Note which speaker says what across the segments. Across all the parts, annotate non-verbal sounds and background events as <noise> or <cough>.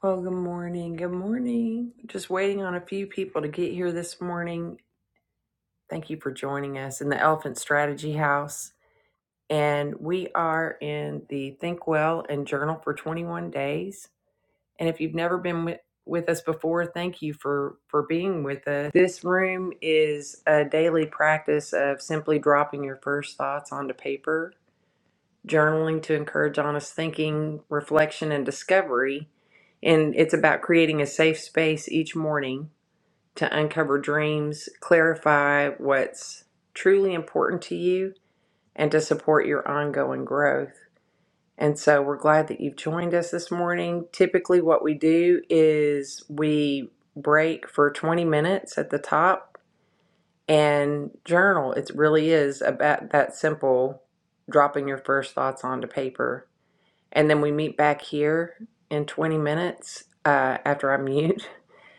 Speaker 1: Well, good morning. Good morning. Just waiting on a few people to get here this morning. Thank you for joining us in the Elephant Strategy House. And we are in the Think Well and Journal for 21 Days. And if you've never been with, with us before, thank you for, for being with us. This room is a daily practice of simply dropping your first thoughts onto paper journaling to encourage honest thinking, reflection, and discovery. And it's about creating a safe space each morning to uncover dreams, clarify what's truly important to you, and to support your ongoing growth. And so we're glad that you've joined us this morning. Typically, what we do is we break for 20 minutes at the top and journal. It really is about that simple dropping your first thoughts onto paper and then we meet back here in 20 minutes uh, after I mute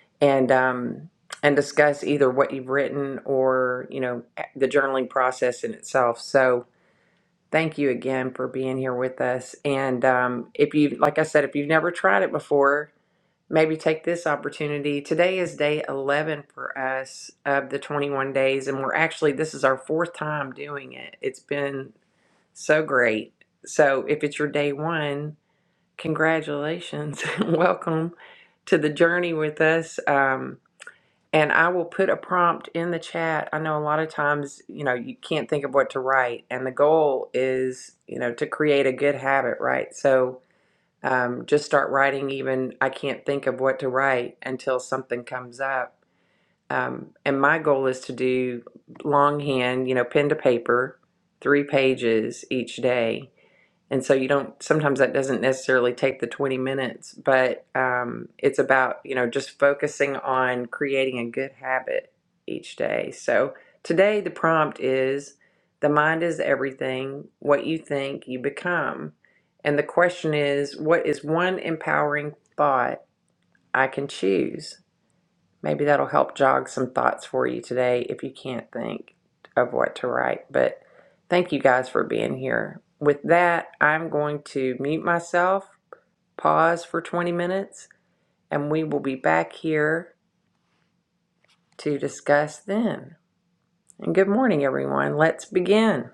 Speaker 1: <laughs> and um, and discuss either what you've written or you know the journaling process in itself. So thank you again for being here with us. And um, if you like I said, if you've never tried it before, maybe take this opportunity. Today is day 11 for us of the 21 days, and we're actually this is our fourth time doing it. It's been so great. So if it's your day one Congratulations. <laughs> Welcome to the journey with us. Um, and I will put a prompt in the chat. I know a lot of times, you know, you can't think of what to write. And the goal is, you know, to create a good habit, right? So um, just start writing, even I can't think of what to write until something comes up. Um, and my goal is to do longhand, you know, pen to paper, three pages each day and so you don't sometimes that doesn't necessarily take the 20 minutes but um, it's about you know just focusing on creating a good habit each day so today the prompt is the mind is everything what you think you become and the question is what is one empowering thought i can choose Maybe that'll help jog some thoughts for you today if you can't think of what to write. But thank you guys for being here. With that, I'm going to mute myself, pause for 20 minutes, and we will be back here to discuss then. And good morning, everyone. Let's begin.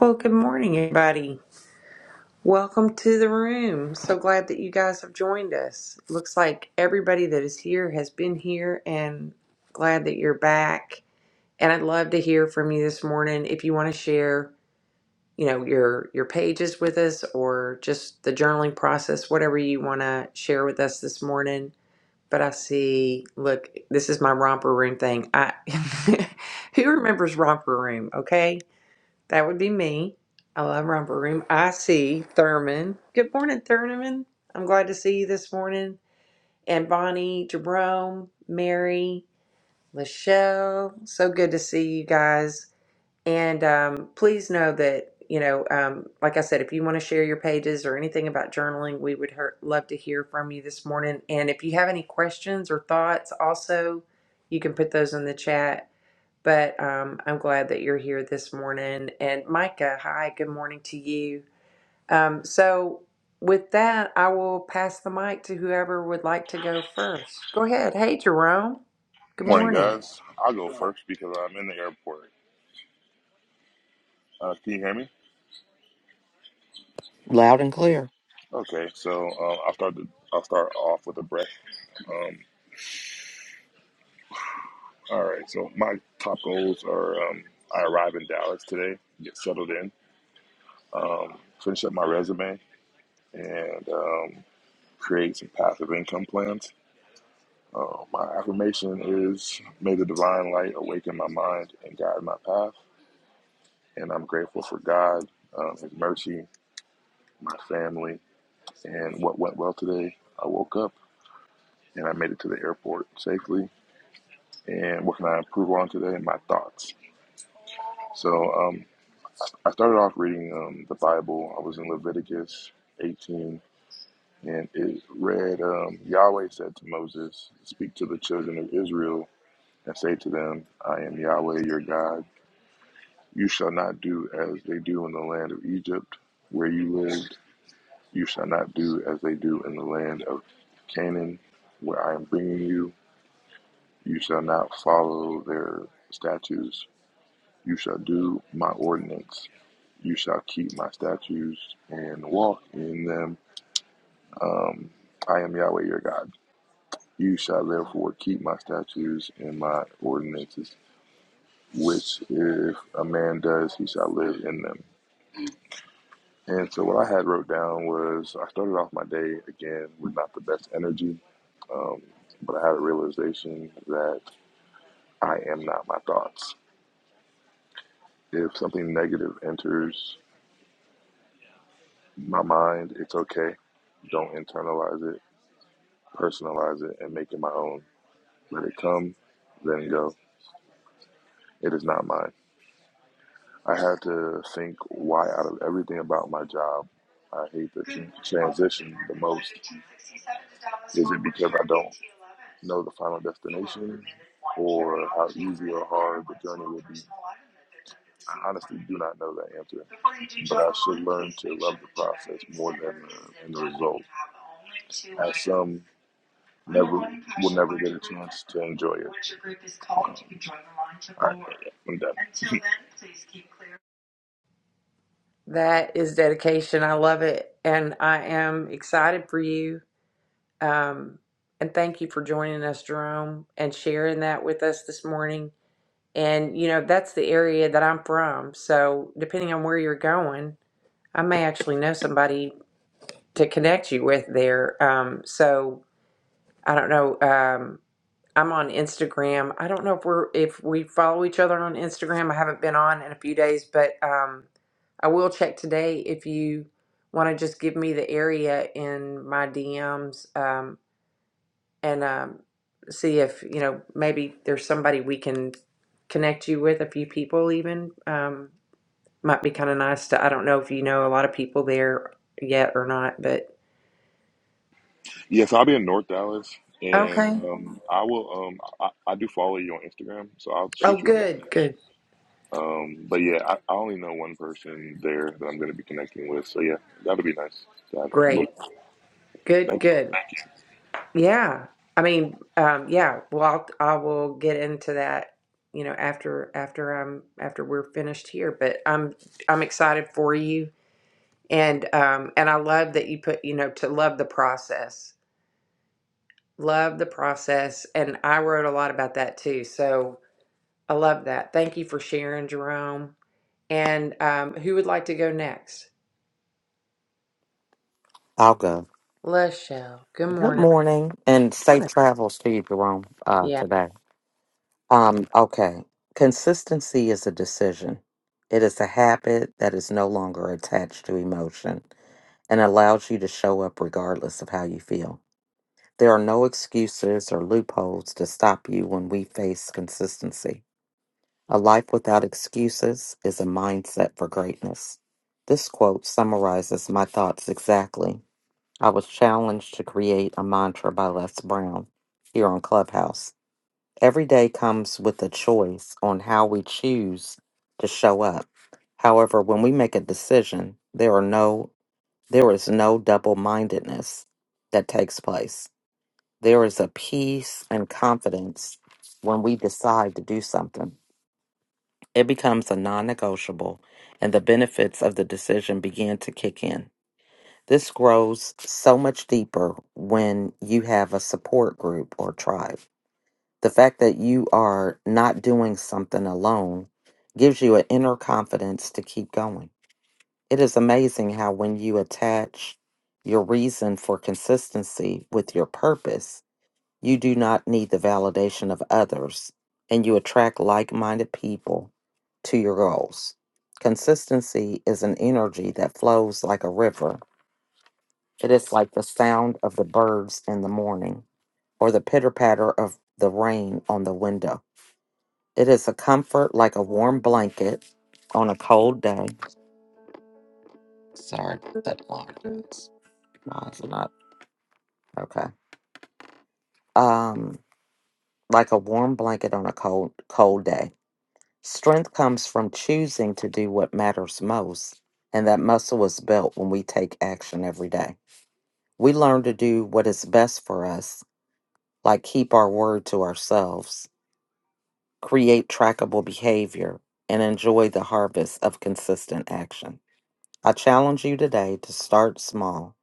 Speaker 1: Well, good morning, everybody. Welcome to the room. So glad that you guys have joined us. Looks like everybody that is here has been here, and glad that you're back. and I'd love to hear from you this morning if you want to share, you know, your your pages with us or just the journaling process, whatever you want to share with us this morning. But I see, look, this is my romper room thing. I <laughs> who remembers romper room? Okay, that would be me. I love romper room. I see Thurman. Good morning, Thurman. I'm glad to see you this morning. And Bonnie, Jerome, Mary, Lachelle. So good to see you guys. And um, please know that, you know, um, like I said, if you want to share your pages or anything about journaling, we would hear, love to hear from you this morning. And if you have any questions or thoughts, also, you can put those in the chat. But um, I'm glad that you're here this morning. And Micah, hi, good morning to you. Um, so, with that, I will pass the mic to whoever would like to go first. Go ahead. Hey, Jerome. Good
Speaker 2: Morning,
Speaker 1: morning.
Speaker 2: guys. I'll go first because I'm in the airport. Uh, can you hear me?
Speaker 3: Loud and clear.
Speaker 2: Okay, so uh, I'll start. The, I'll start off with a breath. Um, all right. So my top goals are: um, I arrive in Dallas today, get settled in, um, finish up my resume, and um, create some passive income plans. Uh, my affirmation is: May the divine light awaken my mind and guide my path. And I'm grateful for God, um, His mercy, my family, and what went well today. I woke up and I made it to the airport safely. And what can I improve on today? My thoughts. So um, I started off reading um, the Bible. I was in Leviticus 18, and it read um, Yahweh said to Moses, Speak to the children of Israel and say to them, I am Yahweh your God. You shall not do as they do in the land of Egypt, where you lived. You shall not do as they do in the land of Canaan, where I am bringing you. You shall not follow their statutes You shall do my ordinance. You shall keep my statutes and walk in them. Um, I am Yahweh your God. You shall therefore keep my statutes and my ordinances, which if a man does, he shall live in them. And so what I had wrote down was I started off my day again with not the best energy, um, but I had a realization that I am not my thoughts. If something negative enters my mind, it's okay. Don't internalize it, personalize it, and make it my own. Let it come, let it go. It is not mine. I had to think why out of everything about my job I hate the tran- transition the most. Is it because I don't know the final destination or how easy or hard the journey will be? I honestly do not know that answer, but I should learn to love the process more than the, than the result, as some never will never get a chance to enjoy it. Um, all right, I'm done. <laughs>
Speaker 1: That is dedication. I love it. And I am excited for you. Um, and thank you for joining us, Jerome, and sharing that with us this morning. And, you know, that's the area that I'm from. So, depending on where you're going, I may actually know somebody to connect you with there. Um, so, I don't know. Um, I'm on Instagram. I don't know if we're if we follow each other on Instagram. I haven't been on in a few days, but um, I will check today if you want to just give me the area in my DMs um, and um, see if you know maybe there's somebody we can connect you with. A few people even um, might be kind of nice to. I don't know if you know a lot of people there yet or not, but
Speaker 2: Yes, I'll be in North Dallas, and
Speaker 1: okay.
Speaker 2: um, I will. Um, I, I do follow you on Instagram, so I'll
Speaker 1: Oh,
Speaker 2: shoot you a
Speaker 1: good,
Speaker 2: message.
Speaker 1: good,
Speaker 2: Um, but yeah, I, I only know one person there that I'm going to be connecting with. So yeah, that'll be nice. to have you. Look,
Speaker 1: great, good,
Speaker 2: thank
Speaker 1: good.
Speaker 2: you.
Speaker 1: Yeah. I mean, um, yeah, well, I'll, I will get into that, you know, after after I'm after we're finished here, but I'm I'm excited for you and um and I love that you put, you know, to love the process. Love the process and I wrote a lot about that too. So, I love that. Thank you for sharing, Jerome. And um who would like to go next?
Speaker 3: I'll go.
Speaker 1: Lachelle. Good
Speaker 3: Good
Speaker 1: morning.
Speaker 3: morning and safe
Speaker 1: Morning.
Speaker 3: travels to you, Jerome, uh,
Speaker 1: Yeah.
Speaker 3: today. Um, okay. Consistency is a decision. It is a habit that is no longer attached to emotion and allows you to show up regardless of how you feel. There are no excuses or loopholes to stop you when we face consistency. A life without excuses is a mindset for greatness. This quote summarizes my thoughts exactly I was challenged to create a mantra by Les Brown here on Clubhouse. Every day comes with a choice on how we choose to show up. However, when we make a decision, there are no there is no double-mindedness that takes place. There is a peace and confidence when we decide to do something. It becomes a non-negotiable and the benefits of the decision begin to kick in. This grows so much deeper when you have a support group or tribe. The fact that you are not doing something alone gives you an inner confidence to keep going. It is amazing how, when you attach your reason for consistency with your purpose, you do not need the validation of others and you attract like minded people to your goals. Consistency is an energy that flows like a river it is like the sound of the birds in the morning or the pitter patter of the rain on the window. It is a comfort like a warm blanket on a cold day. Sorry, about that alarm is. No, it's not. Okay. Um, like a warm blanket on a cold, cold day. Strength comes from choosing to do what matters most, and that muscle is built when we take action every day. We learn to do what is best for us, like keep our word to ourselves create trackable behavior, and enjoy the harvest of consistent action. I challenge you today to start small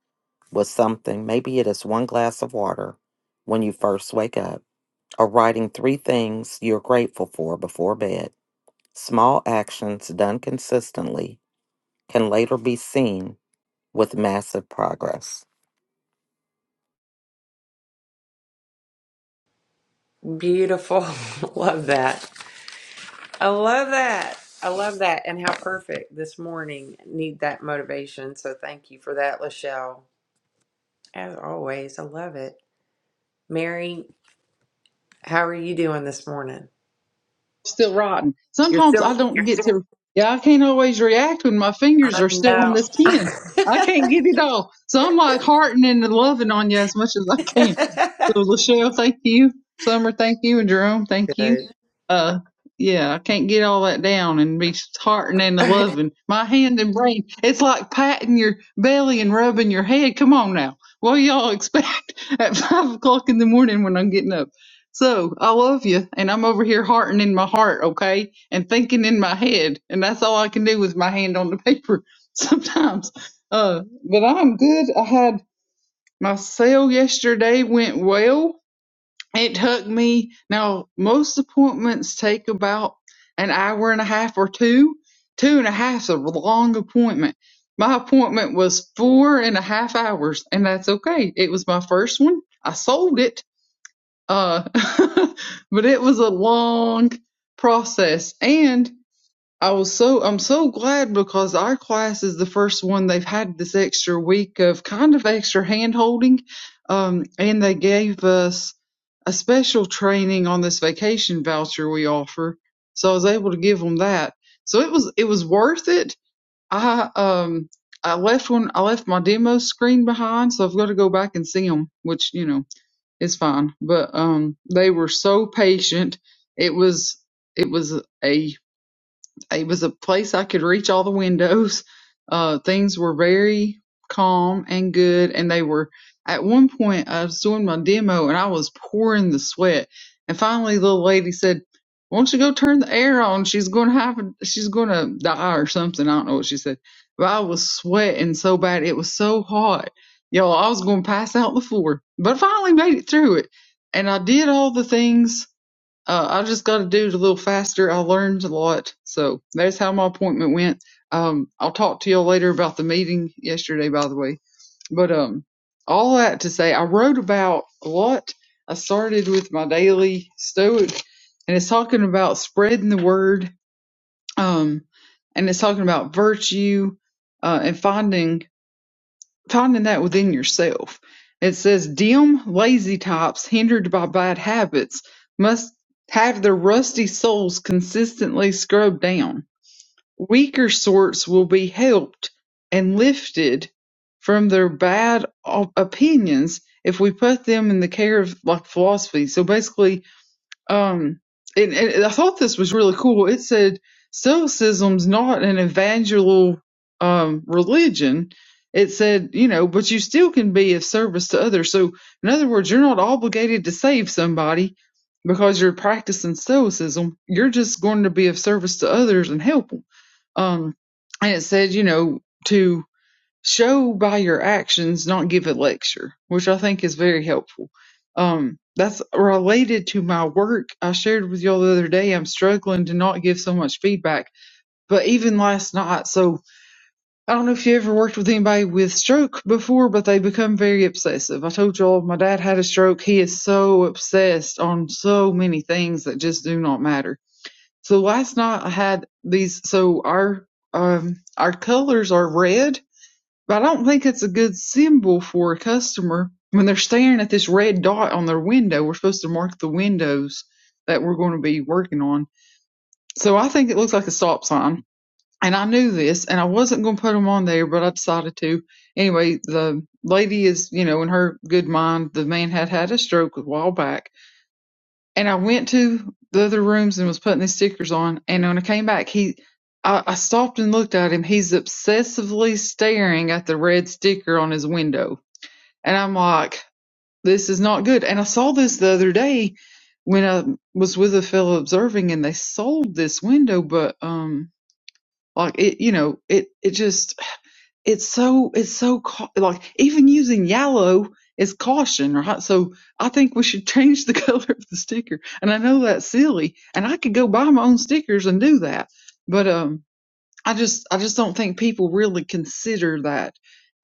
Speaker 3: with something. Maybe it is one glass of water when you first wake up, or writing three things you're grateful for before bed. Small actions done consistently can later be seen with massive progress.
Speaker 1: Beautiful. <laughs> love that. I love that. I love that. And how perfect this morning. Need that motivation. So thank you for that, Lachelle. As always, I love it. Mary, how are you doing this morning?
Speaker 4: still rotten.
Speaker 1: You're
Speaker 4: Sometimes I
Speaker 1: still,
Speaker 4: don't get to, yeah, I can't always react when my fingers
Speaker 1: I
Speaker 4: are still on
Speaker 1: know.
Speaker 4: this pen. I can't get it off. So I'm like heartening and loving on you as much as I can.
Speaker 1: <laughs>
Speaker 4: So Lachelle, thank you. Summer, thank you. And Jerome, thank you.
Speaker 1: Good.
Speaker 4: Uh, yeah, I can't get all that down and be heartening and
Speaker 1: I
Speaker 4: loving. My hand and brain, it's like patting your belly and rubbing your head. Come on now. What do y'all expect <laughs> at five o'clock in the morning when I'm getting up? So I love you, and I'm over here hearting in my heart, okay, and thinking in my head, and that's all I can do with my hand on the paper <laughs> sometimes. Uh, but I'm good. I had my sale yesterday went well. It took me now most appointments take about an hour and a half or two. Two and a half's a long appointment. My appointment was four and a half hours, and that's okay. It was my first one. I sold it uh, <laughs> but it was a long process. And I was so, I'm so glad because our class is the first one they've had this extra week of kind of extra hand holding. Um, and they gave us a special training on this vacation voucher we offer. So I was able to give them that. So it was, it was worth it. I, um, I left one, I left my demo screen behind. So I've got to go back and see them, which, you know, it's fine. But um, they were so patient. It was it was a it was a place I could reach all the windows. Uh, things were very calm and good, and they were. At one point, I was doing my demo and I was pouring the sweat, and finally, the little lady said, "Why don't you go turn the air on? She's going to have, a- she's going to die or something." I don't know what she said, but I was sweating so bad. It was so hot, y'all. I was going to pass out on the floor, but I finally made it through it, and I did all the things uh, I just got to do it a little faster. I learned a lot. So that's how my appointment went. Um, I'll talk to y'all later about the meeting yesterday, by the way. But um, all that to say, I wrote about a lot. I started with my daily stoic, and it's talking about spreading the word, um, and it's talking about virtue uh, and finding finding that within yourself. It says, dim, lazy types hindered by bad habits must have their rusty souls consistently scrubbed down. Weaker sorts will be helped and lifted from their bad op- opinions if we put them in the care of like philosophy. So basically, um, and, and I thought this was really cool. It said stoicism's not an evangelical um, religion. It said, you know, but you still can be of service to others. So, in other words, you're not obligated to save somebody because you're practicing stoicism. You're just going to be of service to others and help them. Um, and it said, you know, to show by your actions, not give a lecture, which I think is very helpful. Um, that's related to my work. I shared with y'all the other day, I'm struggling to not give so much feedback, but even last night. So I don't know if you ever worked with anybody with stroke before, but they become very obsessive. I told y'all my dad had a stroke. He is so obsessed on so many things that just do not matter. So last night I had these, so our, um, our colors are red but I don't think it's a good symbol for a customer when they're staring at this red dot on their window. We're supposed to mark the windows that we're going to be working on. So I think it looks like a stop sign. And I knew this and I wasn't going to put them on there, but I decided to. Anyway, the lady is, you know, in her good mind, the man had had a stroke a while back and I went to the other rooms and was putting these stickers on. And when I came back, he, I, I stopped and looked at him. He's obsessively staring at the red sticker on his window, and I'm like, this is not good. And I saw this the other day when I was with a fellow observing, and they sold this window, but um, like it, you know, it, it just it's so it's so cau- like even using yellow is caution right so i think we should change the <laughs> color of the sticker and i know that's silly and i could go buy my own stickers and do that but um I just I just don't think people really consider that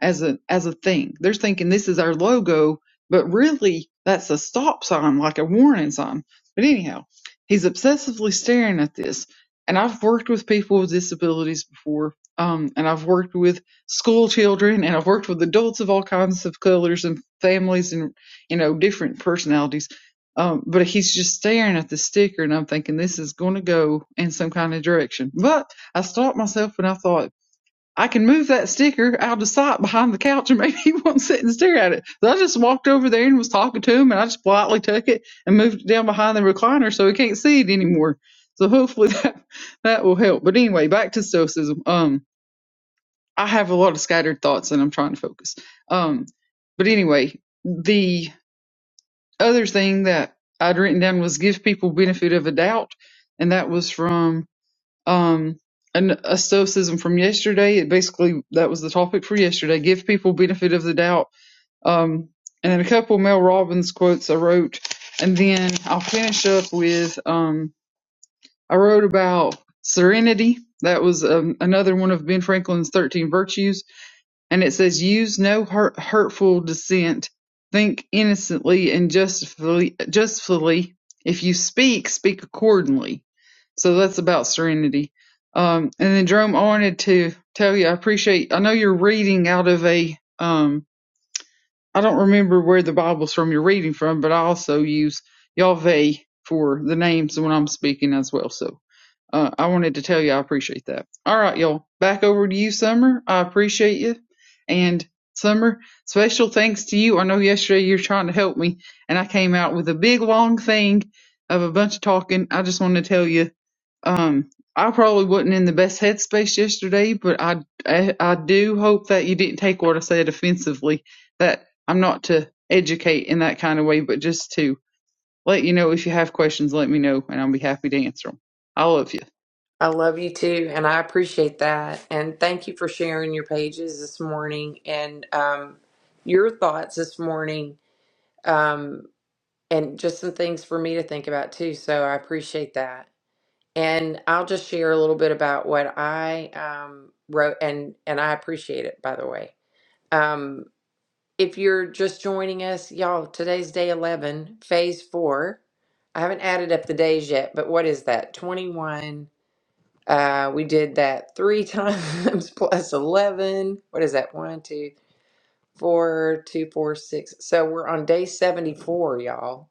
Speaker 4: as a as a thing. They're thinking this is our logo, but really that's a stop sign, like a warning sign. But anyhow, he's obsessively staring at this. And I've worked with people with disabilities before, um, and I've worked with school children, and I've worked with adults of all kinds of colors and families, and you know different personalities. Um, but he's just staring at the sticker, and I'm thinking this is going to go in some kind of direction. But I stopped myself and I thought, I can move that sticker out of sight behind the couch and <laughs> maybe he won't sit and stare at it. So I just walked over there and was talking to him and I just politely took it and moved it down behind the recliner so he can't see it anymore. So hopefully <laughs> that that will help. But anyway, back to stoicism. Um I have a lot of scattered thoughts and I'm trying to focus. Um but anyway, the other thing that I'd written down was give people benefit of a doubt, and that was from um and a stoicism from yesterday it basically that was the topic for yesterday give people benefit of the doubt um and then a couple of mel robbins quotes i wrote and then i'll finish up with um i wrote about serenity that was um, another one of ben franklin's 13 virtues and it says use no hurt, hurtful dissent think innocently and justly justfully if you speak speak accordingly so that's about serenity um and then jerome i wanted to tell you i appreciate i know you're reading out of a um i don't remember where the bible's from you're reading from but i also use yahweh for the names when i'm speaking as well so uh, I wanted to tell you I appreciate that. All right, y'all. Back over to you, Summer. I appreciate you. And Summer, special thanks to you. I know yesterday you were trying to help me, and I came out with a big long thing of a bunch of talking. I just want to tell you, um, I probably wasn't in the best headspace yesterday, but I, I I do hope that you didn't take what I said offensively. That I'm not to educate in that kind of way, but just to let you know if you have questions, let me know, and I'll be happy to answer them. I love you.
Speaker 1: love you too. And I appreciate that. And thank you for sharing your pages this morning and um, your thoughts this morning. Um, and just some things for me to think about too. So I appreciate that. And I'll just share a little bit about what I um, wrote, and and I appreciate it, by the way. Um, if you're just joining us, y'all, today's day 11, phase four. I haven't added up the days yet, but what is that? 21. Uh, we did that three times <laughs> plus 11. What is that? One, two, four, two, four, six. So we're on day 74, y'all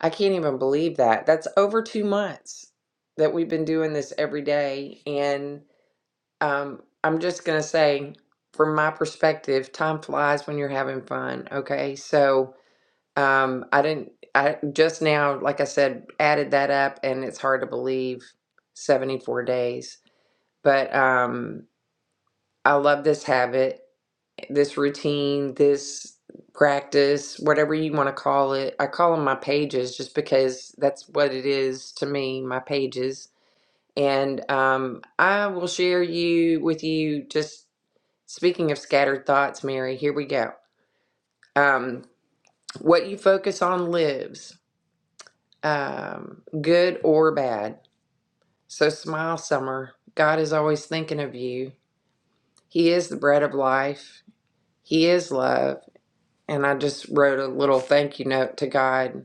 Speaker 1: I can't even believe that. That's over two months that we've been doing this every day. And um, I'm just going to say, from my perspective, time flies when you're having fun. Okay. So um, I didn't, I just now, like I said, added that up and it's hard to believe 74 days. But um, I love this habit this routine, this practice, whatever you want to call it. I call them my pages just because that's what it is to me, my pages. And um, I will share you with you just speaking of scattered thoughts, Mary. Here we go. Um, what you focus on lives, um, good or bad. So smile, summer. God is always thinking of you. He is the bread of life. He is love. and I just wrote a little thank you note to God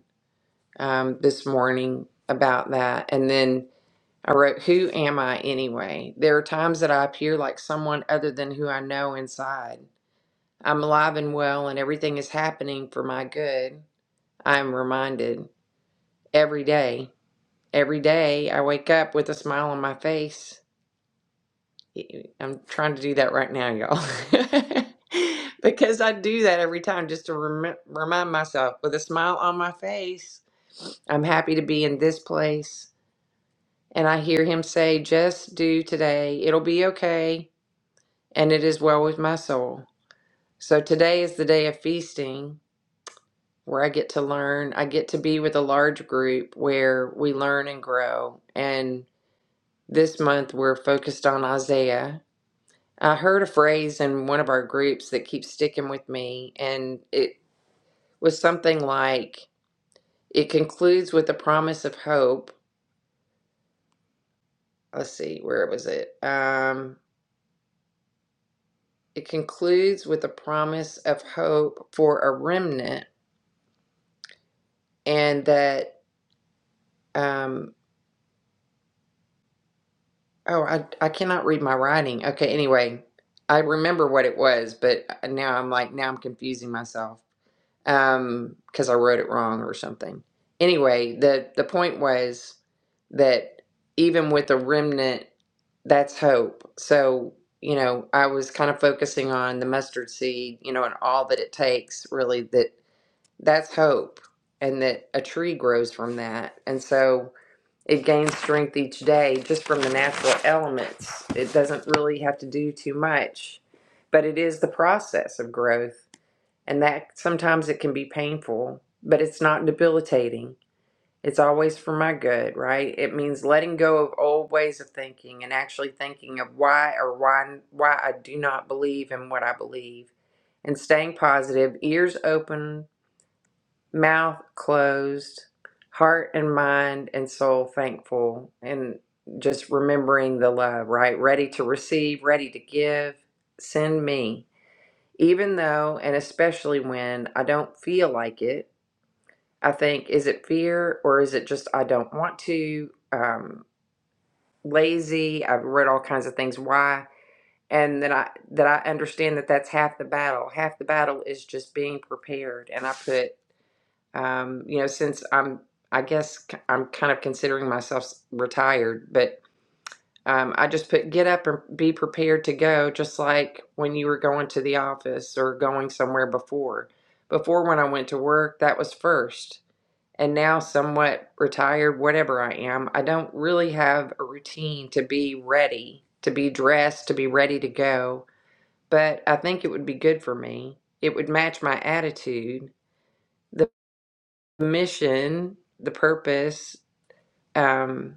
Speaker 1: um, this morning about that. And then I wrote, Who am I anyway? There are times that I appear like someone other than who I know inside. I'm alive and well, and everything is happening for my good. I am reminded every day. Every day I wake up with a smile on my face. I'm trying to do that right now, y'all. <laughs> because I do that every time just to rem- remind myself with a smile on my face I'm happy to be in this place. And I hear him say, Just do today. It'll be okay. And it is well with my soul. So today is the day of feasting where I get to learn. I get to be with a large group where we learn and grow. And this month we're focused on Isaiah. I heard a phrase in one of our groups that keeps sticking with me. And it was something like, It concludes with a promise of hope. Let's see, where was it? Um, It concludes with a promise of hope for a remnant, and that, um, oh, I, I cannot read my writing. Okay, anyway, I remember what it was, but uh, now I'm like, now I'm confusing myself um, because I wrote it wrong or something. Anyway, the, the point was that even with a remnant, that's hope. So, you know, I was kind of focusing on the mustard seed, you know, and all that it takes really that that's hope and that a tree grows from that and so it gains strength each day just from the natural elements it doesn't really have to do too much but it is the process of growth and that sometimes it can be painful but it's not debilitating it's always for my good right it means letting go of old ways of thinking and actually thinking of why or why why i do not believe in what i believe and staying positive ears open mouth closed, heart and mind and soul thankful, and just remembering the love, right? Ready to receive, ready to give. Send me. Even though, and especially when I don't feel like it, I think, is it fear or is it just I don't want to? Um, lazy. I've read all kinds of things. Why? And that I that I understand that that's half the battle. Half the battle is just being prepared. And I put um, you know, since I'm, I guess i I'm kind of considering myself retired, but um, I just put get up and be prepared to go, just like when you were going to the office or going somewhere before. Before, when I went to work, that was first. And now, somewhat retired, whatever I am, I don't really have a routine to be ready, to be dressed, to be ready to go. But I think it would be good for me. It would match my attitude The mission, the purpose, um,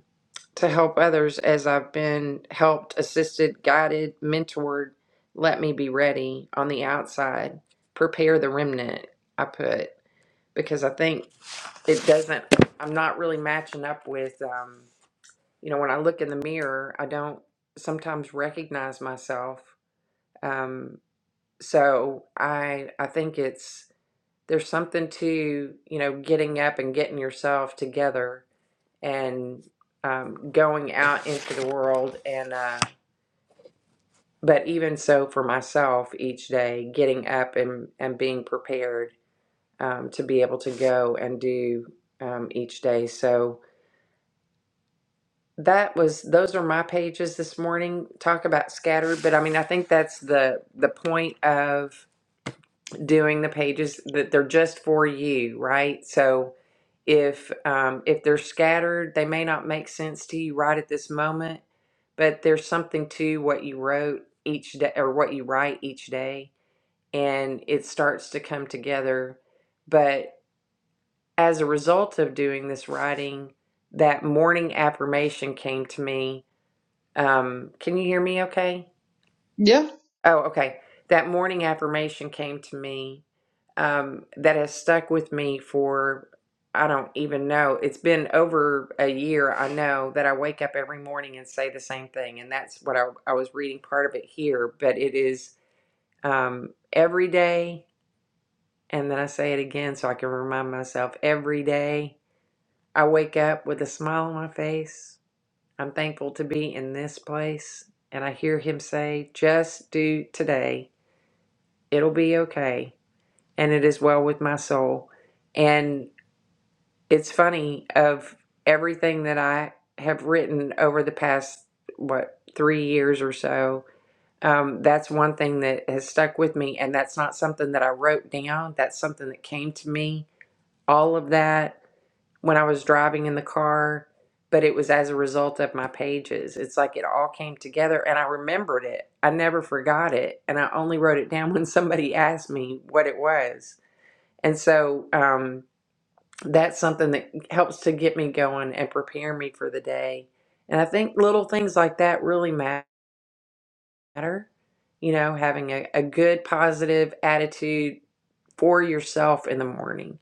Speaker 1: to help others as I've been helped, assisted, guided, mentored. Let me be ready on the outside. Prepare the remnant, I put, because I think it doesn't, I'm not really matching up with, um, you know, when I look in the mirror, I don't sometimes recognize myself. Um, so I, I think it's, there's something to, you know, getting up and getting yourself together and um, going out into the world and uh, but even so for myself each day getting up and, and being prepared um, to be able to go and do um, each day so that was those are my pages this morning talk about scattered but i mean i think that's the the point of doing the pages that they're just for you, right? So if um, if they're scattered, they may not make sense to you right at this moment, but there's something to what you wrote each day or what you write each day, and it starts to come together. But as a result of doing this writing, that morning affirmation came to me. Um, can you hear me? Okay.
Speaker 4: Yeah.
Speaker 1: Oh, okay. That morning affirmation came to me um, that has stuck with me for, I don't even know. It's been over a year, I know, that I wake up every morning and say the same thing. And that's what I, I was reading part of it here, but it is um, every day. And then I say it again so I can remind myself every day I wake up with a smile on my face. I'm thankful to be in this place. And I hear him say, just do today it'll be okay and it is well with my soul and it's funny of everything that i have written over the past what three years or so um, that's one thing that has stuck with me and that's not something that i wrote down that's something that came to me all of that when i was driving in the car but it was as a result of my pages it's like it all came together and i remembered it i never forgot it and i only wrote it down <laughs> when somebody asked me what it was and so um, that's something that helps to get me going and prepare me for the day. And I think little things like that really matter. You know, having a, a good positive attitude for yourself in the morning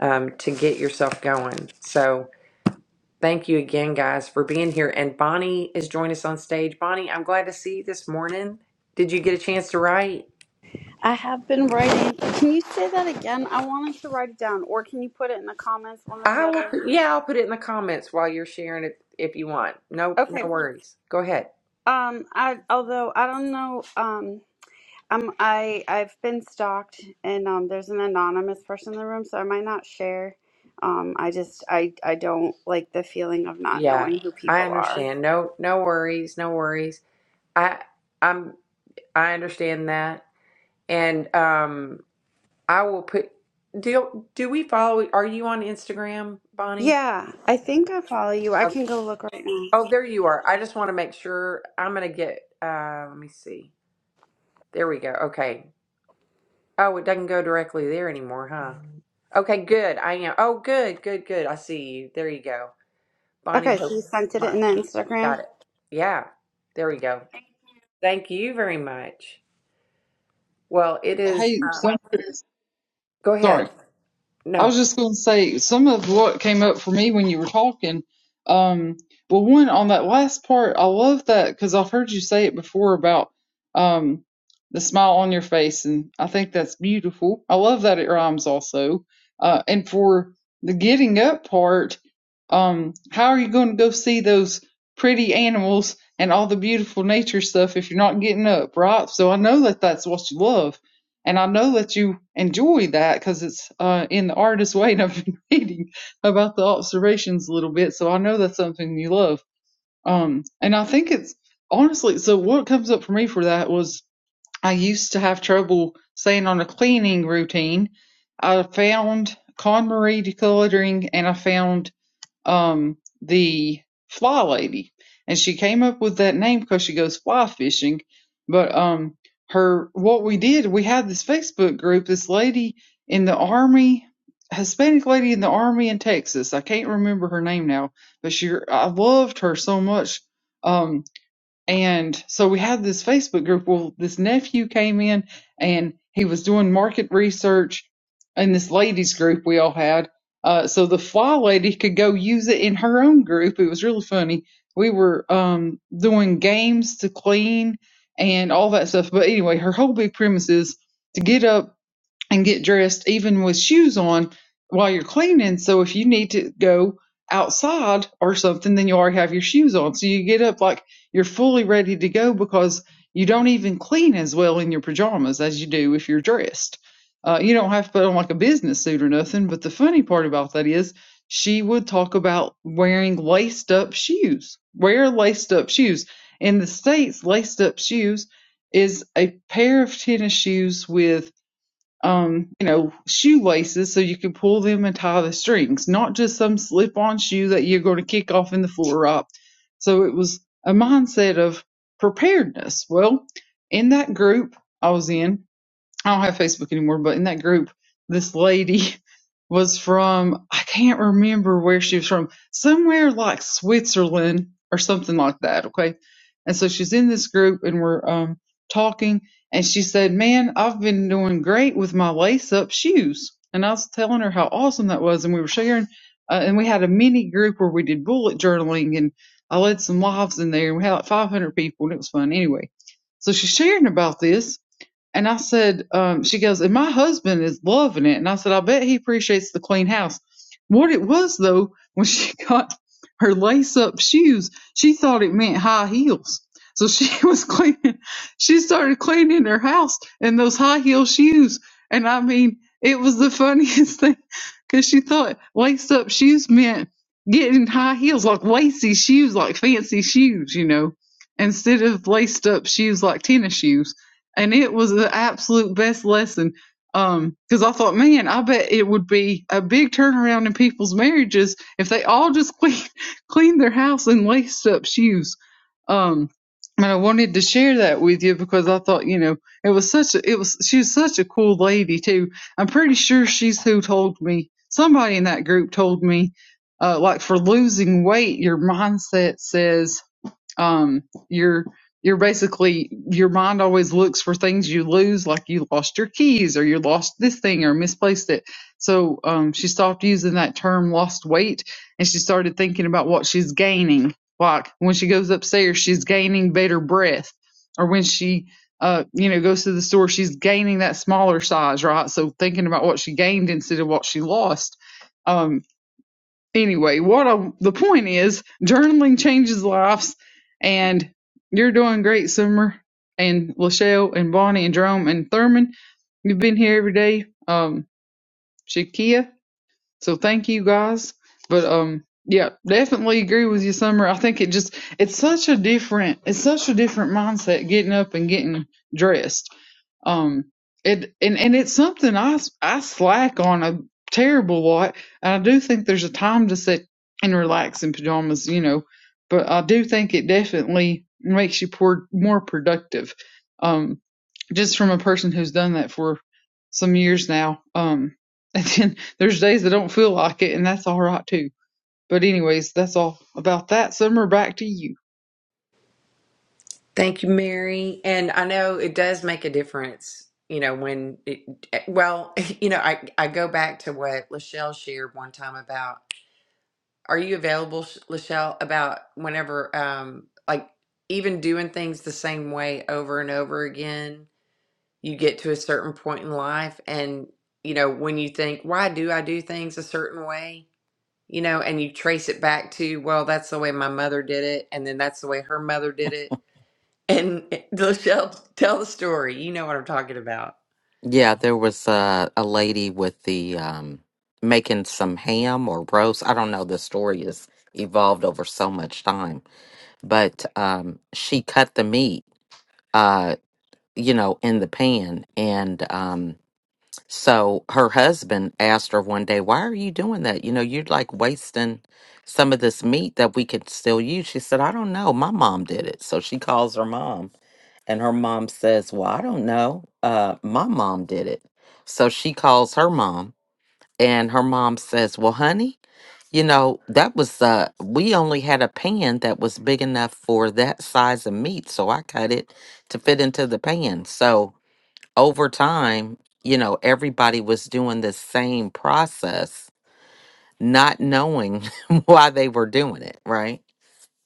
Speaker 1: um, to get yourself going. So thank you again, guys, for being here. And Bonnie is joining us on stage. Bonnie, I'm glad to see you this morning. Did you get a chance to write?
Speaker 5: I have been writing. Can you say that again? I wanted to write it down, or can you put it in the comments, one or the
Speaker 1: I will.
Speaker 5: other?
Speaker 1: Put, yeah, I'll put it in the comments while you're sharing it if you want. No,
Speaker 5: Okay.
Speaker 1: no worries. Go ahead.
Speaker 5: Um, I although I don't know. Um, I'm I I've been stalked, and um, there's an anonymous person in the room, so I might not share. Um, I just I I don't like the feeling of not
Speaker 1: Yeah,
Speaker 5: knowing who
Speaker 1: I
Speaker 5: people are.
Speaker 1: understand. No, no worries, no worries. I, I'm, I understand that, and um, I will put. Do do we follow? Are you on Instagram, Bonnie?
Speaker 5: Yeah, I think I follow you. I
Speaker 1: Oh,
Speaker 5: can go look right now.
Speaker 1: oh, there you are. I just want to make sure. I'm gonna get. Uh, let me see. There we go. Okay. Oh, it doesn't go directly there anymore, huh? Okay, good. I am. Oh, good, good, good. I see you. There you go, Bonnie
Speaker 5: Okay,
Speaker 1: Hope.
Speaker 5: so you sent it
Speaker 1: My,
Speaker 5: in the Instagram.
Speaker 1: got it. Yeah. There we go. Thank you very much. Well, it is. uh,
Speaker 4: Hey, some,
Speaker 1: Go ahead.
Speaker 4: sorry. I was
Speaker 1: No.
Speaker 4: just going to say some of what came up for me when you were talking. Um, well, one on that last part, I love that because I've heard you say it before about um, the smile on your face, and I think that's beautiful. I love that it rhymes also. Uh, and for the getting up part, um, how are you going to go see those pretty animals and all the beautiful nature stuff if you're not getting up, right? So I know that that's what you love and I know that you enjoy that because it's uh, in the artist way, and I've been <laughs> reading about the observations a little bit, so I know that's something you love. Um, and I think it's honestly so. What comes up for me for that was I used to have trouble staying on a cleaning routine. I found KonMari decluttering, and I found um the fly lady and she came up with that name because she goes fly fishing but um her what we did we had this facebook group this lady in the army hispanic lady in the army in texas i can't remember her name now but she i loved her so much Um, and so we had this Facebook group. Well, this nephew came in and he was doing market research in this ladies group we all had. Uh, so the fly lady could go use it in her own group. It was really funny. We were um, doing games to clean and all that stuff. But anyway, her whole big premise is to get up and get dressed even with shoes on while you're cleaning. So if you need to go outside or something, then you already have your shoes on. So you get up like you're fully ready to go because you don't even clean as well in your pajamas as you do if you're dressed. Uh, you don't have to put on like a business suit or nothing. But the funny part about that is she would talk about wearing laced up shoes. Wear laced up shoes. In the States, laced up shoes is a pair of tennis shoes with um, you know, shoelaces so you can pull them and tie the strings, not just some slip on shoe that you're going to kick off in the floor up. So it was a mindset of preparedness. Well, in that group I was in, I don't have Facebook anymore, but in that group, this lady <laughs> was from, I can't remember where she was from, somewhere like Switzerland or something like that. Okay. And so she's in this group and we're um, talking and she said, man, I've been doing great with my lace up shoes. And I was telling her how awesome that was. And we were sharing, uh, and we had a mini group where we did bullet journaling and I led some lives in there and we had like 500 people and it was fun anyway. So she's sharing about this and I said, um, she goes, and my husband is loving it. And I said, I bet he appreciates the clean house. What it was though, <laughs> when she got her lace up shoes, she thought it meant high heels. So she <laughs> was cleaning, she started cleaning her house in those high heel shoes. And I mean, it was the funniest <laughs> thing because she thought lace up shoes meant getting high heels, like lacy shoes, like fancy shoes, you know, instead of laced up shoes like tennis shoes and it was the absolute best lesson. Um, 'cause because I thought, man, I bet it would be a big turnaround in people's marriages if they all just clean <laughs> cleaned their house and laced up shoes. Um, and I wanted to share that with you because I thought, you know, it was such a it was she was such a cool lady too. I'm pretty sure she's who told me somebody in that group told me, uh, like for losing weight, your mindset says um you're you're basically your mind always looks for things you lose like you lost your keys or you lost this thing or misplaced it so um she stopped using that term lost weight and she started thinking about what she's gaining like when she goes upstairs she's gaining better breath or when she uh you know goes to the store she's gaining that smaller size right so thinking about what she gained instead of what she lost Um, anyway, what I, the point is, journaling changes lives, and you're doing great, Summer and Lachelle and Bonnie and Jerome and Thurman. You've been here every day. Um, Shakia, so thank you guys. But um yeah, definitely agree with you, Summer. I think it just it's such a different it's such a different mindset getting up and getting dressed. Um it and, and it's something I s- I slack on a terrible lot. And I do think there's a time to sit and relax in pajamas, you know, but I do think it definitely makes you por- more productive. Um just from a person who's done that for some years now. Um, <laughs> and then there's days that don't feel like it, and that's all right too. But anyways, that's all about that. Summer, back to you.
Speaker 1: Thank you, Mary. And I know it does make a difference, you know, when it, eh, well, <laughs> you know, I, I go back to what Lachelle shared one time about are you available, Sh- Lachelle, about whenever, um, like even doing things the same way over and over again, you get to a certain point in life and, you know, when you think, why do I do things a certain way? you know, and you trace it back to, well, that's the way my mother did it, and then that's the way her mother did it. And <laughs> Lachelle, tell the story. You know what I'm talking about.
Speaker 3: Yeah, there was a, a lady with the um, making some ham or roast. I don't know. The story has evolved over so much time, but um, she cut the meat, uh, you know, in the pan, and um, so her husband asked her one day, Why are you doing that? You know, you're like wasting some of this meat that we could still use. She said, I don't know. My mom did it. So she calls her mom, and her mom says, Well, I don't know. Uh, my mom did it. So she calls her mom, and her mom says, Well, honey, you know, that was, uh, we only had a pan that was big enough for that size of meat. So I cut it to fit into the pan. So over time, you know, everybody was doing the same process, not knowing <laughs> why they were doing it, right?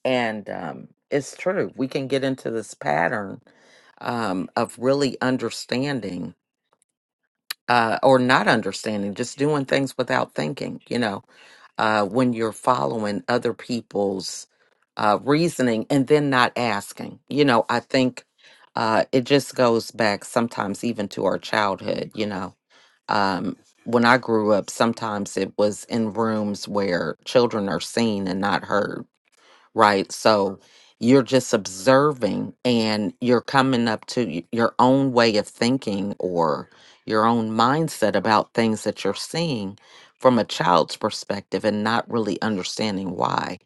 Speaker 3: And um, it's true. We can get into this pattern um, of really understanding uh, or not understanding, just doing things without thinking, you know, uh, when you're following other people's uh, reasoning and then not asking. You know, I think uh, it just goes back sometimes even to our childhood, you know um, when I grew up, sometimes it was in rooms where children are seen and not heard, right? So you're just observing and you're coming up to y- your own way of thinking or your own mindset about things that you're seeing from a child's perspective and not really understanding why.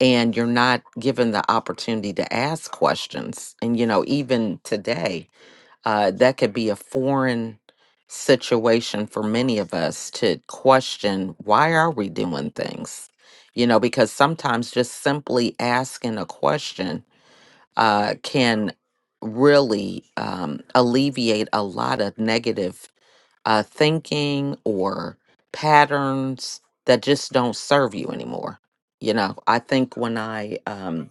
Speaker 3: And you're not given the opportunity to ask questions. And, you know, even today, uh, that could be a foreign situation for many of us to question why are we doing things you know because sometimes just simply asking a question uh, can really um, alleviate a lot of negative uh, thinking or patterns that just don't serve you anymore you know i think when i um,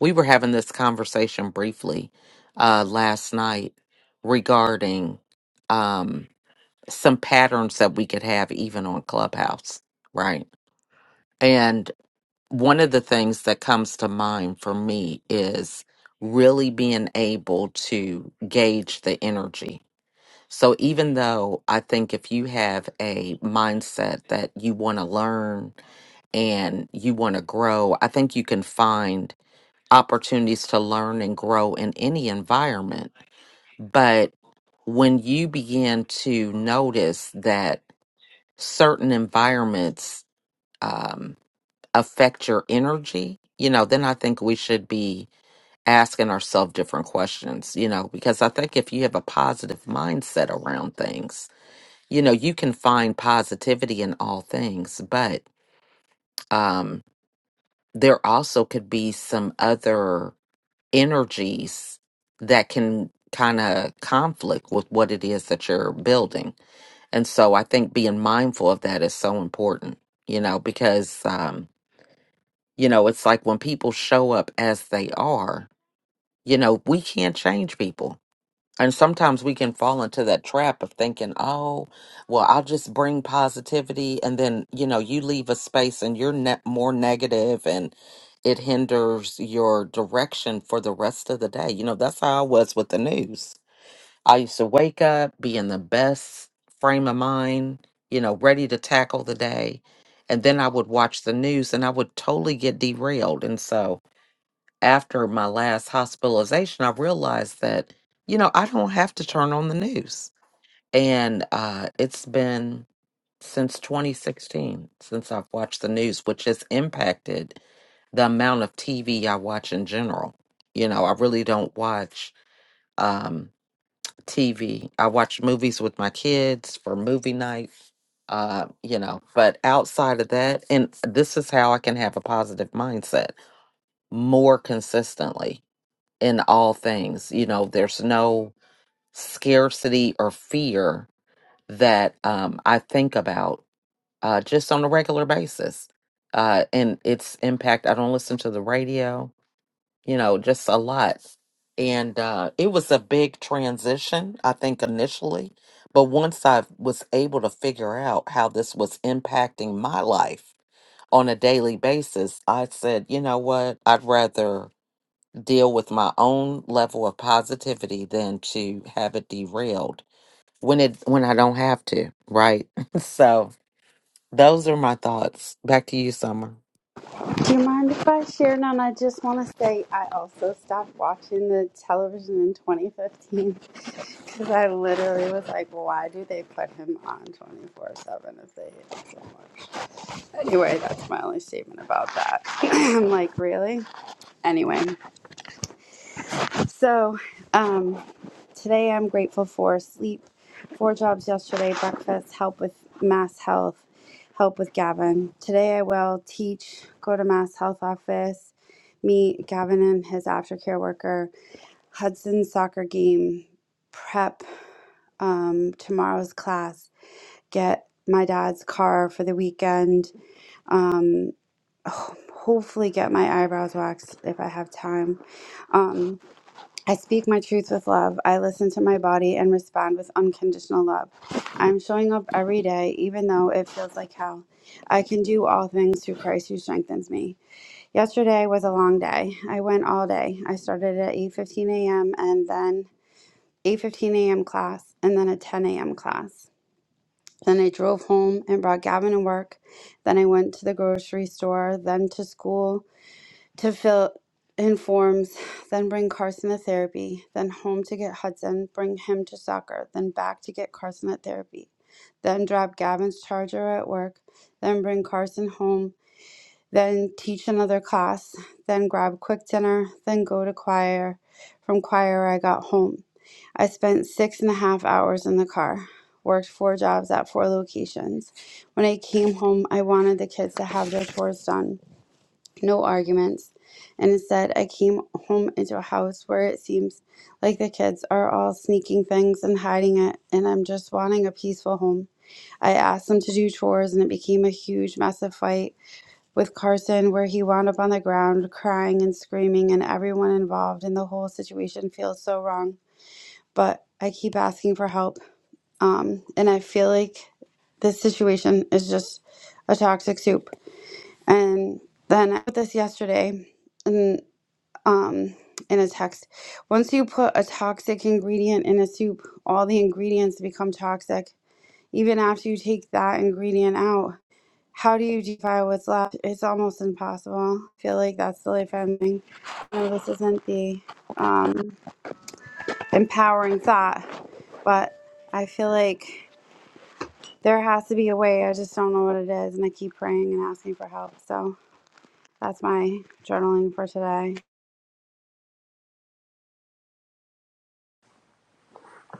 Speaker 3: we were having this conversation briefly uh, last night regarding um, some patterns that we could have even on Clubhouse, right? And one of the things that comes to mind for me is really being able to gauge the energy. So even though I think if you have a mindset that you want to learn and you want to grow, I think you can find opportunities to learn and grow in any environment. But when you begin to notice that certain environments um, affect your energy, you know, then I think we should be asking ourselves different questions, you know, because I think if you have a positive mindset around things, you know, you can find positivity in all things, but um, there also could be some other energies that can kind of conflict with what it is that you're building. And so I think being mindful of that is so important, you know, because, um, you know, it's like when people show up as they are, you know, we can't change people and sometimes we can fall into that trap of thinking, oh, well, I'll just bring positivity. And then, you know, you leave a space and you're ne- more negative and it hinders your direction for the rest of the day. You know, that's how I was with the news. I used to wake up, be in the best frame of mind, you know, ready to tackle the day. And then I would watch the news and I would totally get derailed. And so, after my last hospitalization, I realized that, you know, I don't have to turn on the news. And uh, it's been since 2016 since I've watched the news, which has impacted the amount of TV I watch in general. You know, I really don't watch um, TV. I watch movies with my kids for movie night, uh, you know, but outside of that, and this is how I can have a positive mindset more consistently in all things. You know, there's no scarcity or fear that um, I think about uh, just on a regular basis. Uh, and its impact, I don't listen to the radio, you know, just a lot. And uh, it was a big transition, I think, initially. But once I was able to figure out how this was impacting my life on a daily basis, I said, you know what? I'd rather deal with my own level of positivity than to have it derailed when it when I don't have to, right? <laughs> so those are my thoughts. Back to you, Summer.
Speaker 5: Do you mind if I share? None. I just want to say I also stopped watching the television in 2015 because <laughs> I literally was like, why do they put him on 24 7 if they hate him so much? Anyway, that's my only statement about that. <clears throat> I'm like, really? Anyway. So, um, today I'm grateful for sleep, four jobs yesterday, breakfast, help with mass health, help with Gavin. Today I will teach, go to mass health office, meet Gavin and his aftercare worker, Hudson soccer game, prep um, tomorrow's class, get my dad's car for the weekend, um, ho- hopefully get my eyebrows waxed if I have time. Um, I speak my truth with love. I listen to my body and respond with unconditional love. I'm showing up every day, even though it feels like hell. I can do all things through Christ who strengthens me. Yesterday was a long day. I went all day. I started at 8:15 a.m. and then 8:15 a.m. class and then a 10 a.m. class. Then I drove home and brought Gavin to work. Then I went to the grocery store, then to school, to fill in forms, then bring Carson to therapy, then home to get Hudson, bring him to soccer, then back to get Carson at therapy, then drop Gavin's charger at work, then bring Carson home, then teach another class, then grab quick dinner, then go to choir. From choir, I got home. I spent six and a half hours in the car, worked four jobs at four locations. When I came home, I wanted the kids to have their chores done no arguments, and instead I came home into a house where it seems like the kids are all sneaking things and hiding it, and I'm just wanting a peaceful home. I asked them to do chores, and it became a huge, massive fight with Carson where he wound up on the ground crying and screaming, and everyone involved in the whole situation feels so wrong. But I keep asking for help, um, and I feel like this situation is just a toxic soup. And then I put this yesterday. and um in a text once you put a toxic ingredient in a soup all the ingredients become toxic even after you take that ingredient out how do you defy what's left it's almost impossible i feel like that's the life i'm living no this isn't the um empowering thought but i feel like there has to be a way i just don't know what it is and i keep praying and asking for help so that's my journaling for today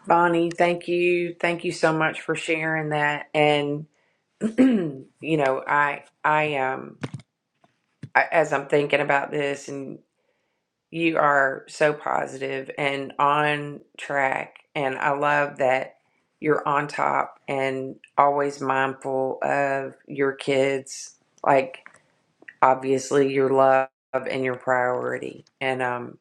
Speaker 1: Bonnie, thank you. Thank you so much for sharing that. And <clears throat> you know, I I um I, as I'm thinking about this and you are so positive and on track and I love that you're on top and always mindful of your kids. Like obviously your love and your priority and um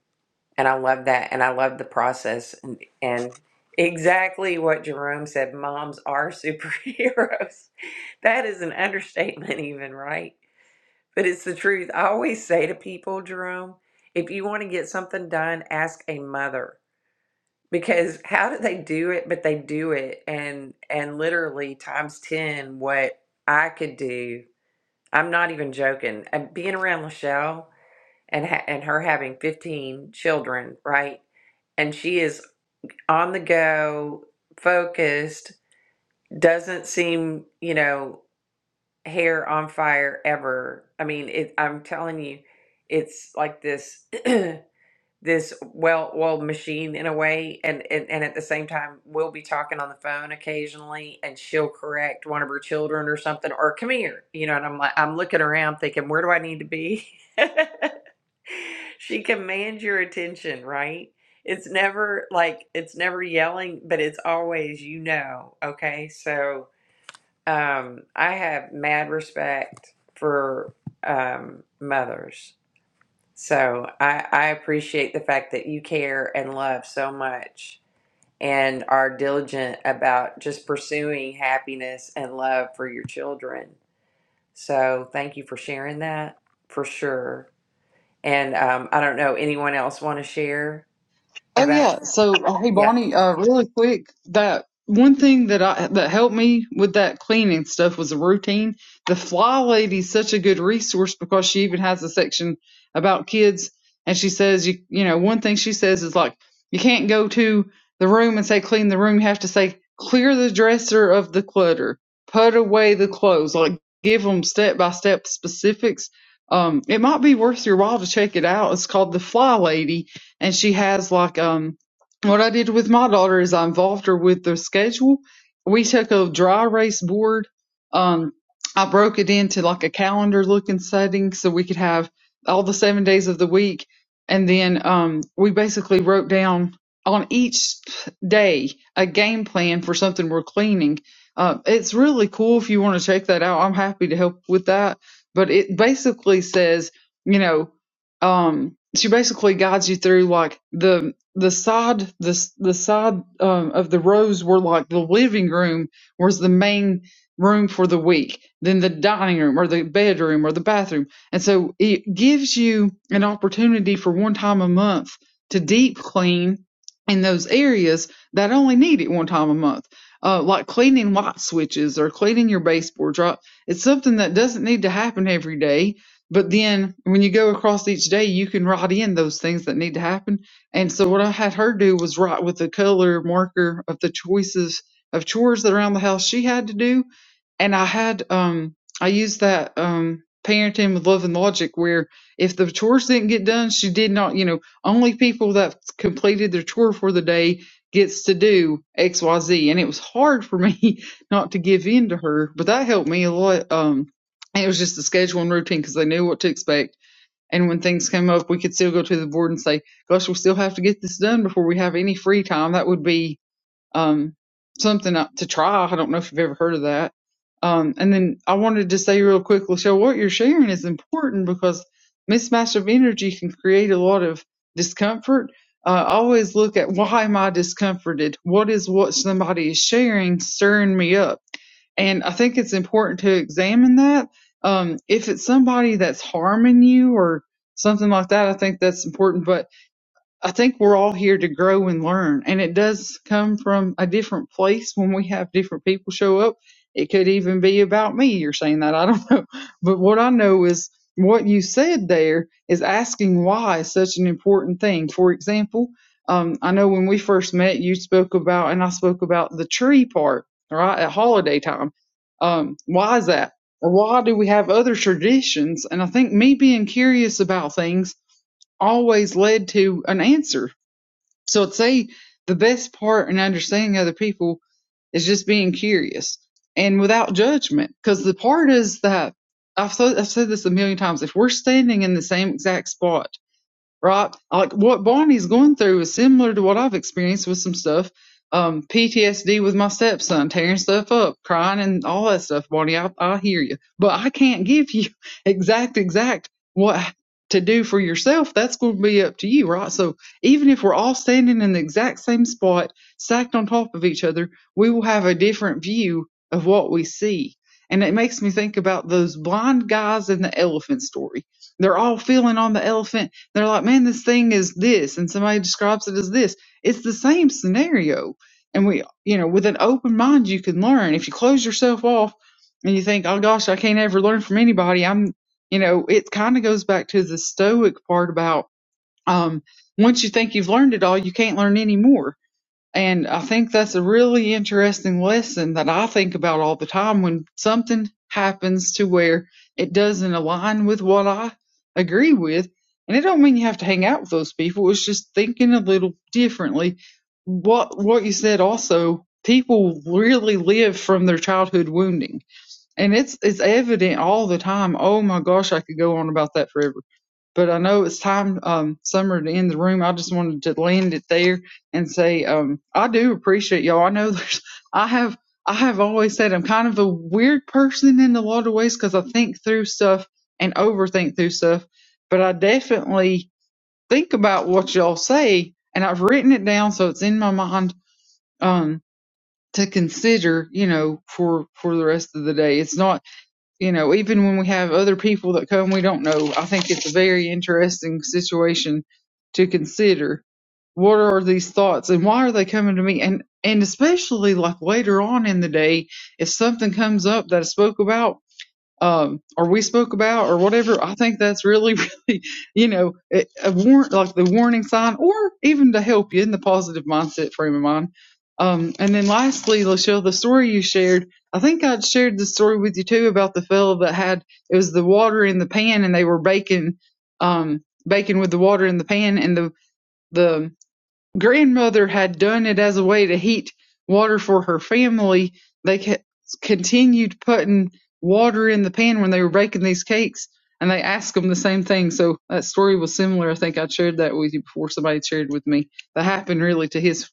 Speaker 1: and i love that and i love the process and, and exactly what jerome said moms are superheroes <laughs> that is an understatement even right but it's the truth i always say to people jerome if you want to get something done ask a mother because how do they do it but they do it and and literally times 10 what i could do i'm not even joking And being around lachelle and ha- and her having 15 children, right? And she is on the go, focused, doesn't seem, you know, hair on fire ever. I mean, it I'm telling you, it's like this <clears throat> this well-oiled machine in a way and, and and at the same time we'll be talking on the phone occasionally and she'll correct one of her children or something or come here you know and i'm like i'm looking around thinking where do i need to be <laughs> <laughs> She commands your attention, right? It's never like it's never yelling, but it's always you know, okay? So um I have mad respect for um mothers. So I I appreciate the fact that you care and love so much and are diligent about just pursuing happiness and love for your children. So thank you for sharing that for sure. And um, I don't know, anyone else want to share
Speaker 4: Oh
Speaker 1: about?
Speaker 4: yeah. So uh, hey
Speaker 1: Yeah.
Speaker 4: Bonnie, uh, really quick, that one thing that I that helped me with that cleaning stuff was a routine. The Fly Lady's such a good resource because she even has a section about kids, and she says you you know one thing she says is like you can't go to the room and say clean the room. You have to say clear the dresser of the clutter, put away the clothes, like give them step by step specifics. Um, it might be worth your while to check it out. It's called the Fly Lady and she has like um what I did with my daughter is I involved her with the schedule. We took a dry erase board. Um, I broke it into like a calendar looking setting so we could have all the seven days of the week. And then um, we basically wrote down on each day a game plan for something we're cleaning. Uh, it's really cool if you want to check that out. I'm happy to help with that. But it basically says, you know, um she basically guides you through like the the side the s- the side um, of the rows were like the living room was the main room for the week then the dining room or the bedroom or the bathroom and so it gives you an opportunity for one time a month to deep clean in those areas that only need it one time a month uh, like cleaning light switches or cleaning your baseboards right it's something that doesn't need to happen every day but then when you go across each day, you can write in those things that need to happen. And so what I had her do was write with a color marker of the choices of chores that around the house she had to do. And I had um I used that um parenting with love and logic where if the chores didn't get done, she did not, you know, only people that completed their chore for the day gets to do XYZ. And it was hard for me <laughs> not to give in to her, but that helped me a lot. Um it was just a scheduling routine because they knew what to expect. And when things came up, we could still go to the board and say, "Gosh, we still have to get this done before we have any free time." That would be um, something uh, to try. I don't know if you've ever heard of that. Um, and then I wanted to say real quick, Lachelle, what you're sharing is important because mismatch of energy can create a lot of discomfort. Uh, always look at why am I discomforted? What is what somebody is sharing stirring me up? And I think it's important to examine that. Um, if it's somebody that's harming you or something like that, I think that's important. But I think we're all here to grow and learn. And it does come from a different place when we have different people show up. It could even be about me. You're saying that. <laughs> I don't know. But what I know is what you said there is asking why is such an important thing. For example, um, I know when we first met, you spoke about, and I spoke about the tree part, right, at holiday time. Um, why is that? Or why do we have other traditions? And I think me being curious about things always led to an answer. So I'd say the best part in understanding other people is just being curious and without judgment. Because the part is that I've, said I've said this a million times. If we're standing in the same exact spot right? Like what Barney's going through is similar to what I've experienced with some stuff. Um, PTSD with my stepson, tearing stuff up, crying and all that stuff, Barney. I, I hear you. But I can't give you <laughs> exact, exact what to do for yourself. That's going to be up to you, right? So even if we're all standing in the exact same spot, stacked on top of each other, we will have a different view of what we see. And it makes me think about those blind guys in the elephant story. They're all feeling on the elephant they're like, man, this thing is this, and somebody describes it as this. It's the same scenario. And we, you know, with an open mind, you can learn. If you close yourself off and you think, oh gosh, I can't ever learn from anybody, I'm, you know, it kind of goes back to the Stoic part about um, once you think you've learned it all, you can't learn anymore and I think that's a really interesting lesson that I think about all the time when something happens to where it doesn't align with what I agree with. And it don't mean you have to hang out with those people. It's just thinking a little differently. What what you said also, people really live from their childhood wounding. And it's it's evident all the time. Oh my gosh, I could go on about that forever but I know it's time um, summer to end the room. I just wanted to land it there and say um, I do appreciate y'all. I know <laughs> there's I have I have always said I'm kind of a weird person in a lot of ways because I think through stuff and overthink through stuff, but I definitely think about what y'all say and I've written it down so it's in my mind um, to consider. You know, for for the rest of the day, it's not you know, even when we have other people that come, we don't know. I think it's a very interesting situation to consider. What are these thoughts and why are they coming to me? And, and especially like later on in the day, if something comes up that I spoke about um, or we spoke about or whatever, I think that's really, <laughs> really, you know, a, a warrant, like the warning sign or even to help you in the positive mindset frame of mind. Um, and then lastly, Lachelle, the story you shared, I think I'd shared the story with you too about the fellow that had, it was the water in the pan and they were baking, um, baking with the water in the pan and the, the Grandmother had done it as a way to heat water for her family. They c- continued putting water in the pan when they were baking these cakes, and they asked them the same thing. So that story was similar. I think I shared that with you before. Somebody shared with me that happened really to his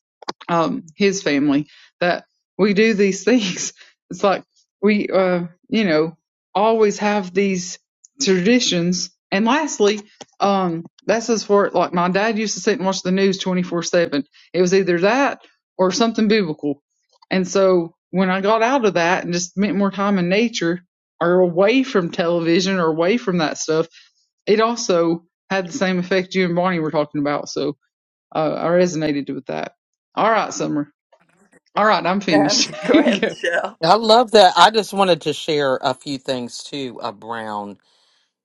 Speaker 4: um, his family that we do these <laughs> things. It's like we, uh, you know, always have these traditions. And lastly, um, that's as for like my dad used to sit and watch the news 24 7. It was either that or something biblical. And so when I got out of that and just spent more time in nature or away from television or away from that stuff, it also had the same effect you and Bonnie were talking about. So, I, I resonated with that. All right, Summer. All right, I'm
Speaker 1: <laughs>
Speaker 4: finished. <laughs>
Speaker 1: Go
Speaker 4: Here you
Speaker 1: ahead,
Speaker 4: go.
Speaker 1: Michelle.
Speaker 3: I love that. I just wanted to share a few things too around,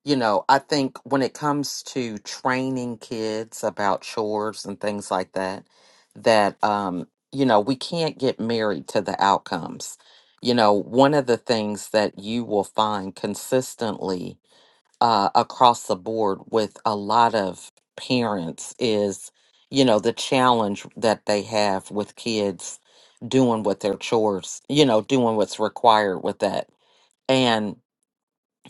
Speaker 3: you know, I think when it comes to training kids about chores and things like that, that um, you know, we can't get married to the outcomes. You know, one of the things that you will find consistently uh, across the board with a lot of parents is, you know, the challenge that they have with kids doing what their chores, you know, doing what's required with that. And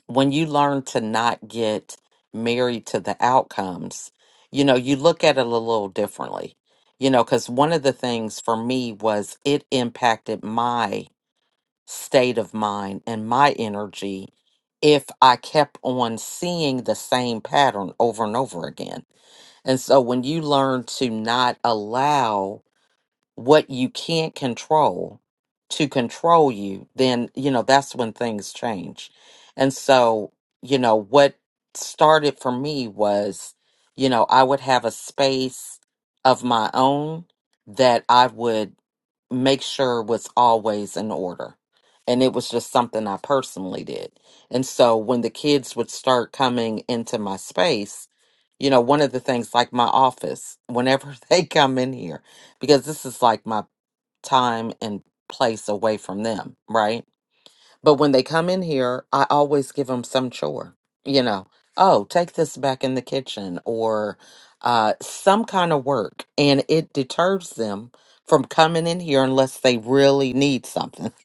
Speaker 3: when you learn to not get married to the outcomes, you know, you look at it a little differently, you know, because one of the things for me was it impacted my state of mind and my energy if I kept on seeing the same pattern over and over again. And so when you learn to not allow what you can't control to control you, then, you know, that's when things change. And so, you know, what started for me was, you know, I would have a space of my own that I would make sure was always in order. And it was just something I personally did. And so when the kids would start coming into my space, you know, one of the things like my office, whenever <laughs> they come in here, because this is like my time and place away from them, right? But when they come in here, I always give them some chore, you know, oh, take this back in the kitchen or uh, some kind of work. And it deters them from coming in here unless they really need something. <laughs>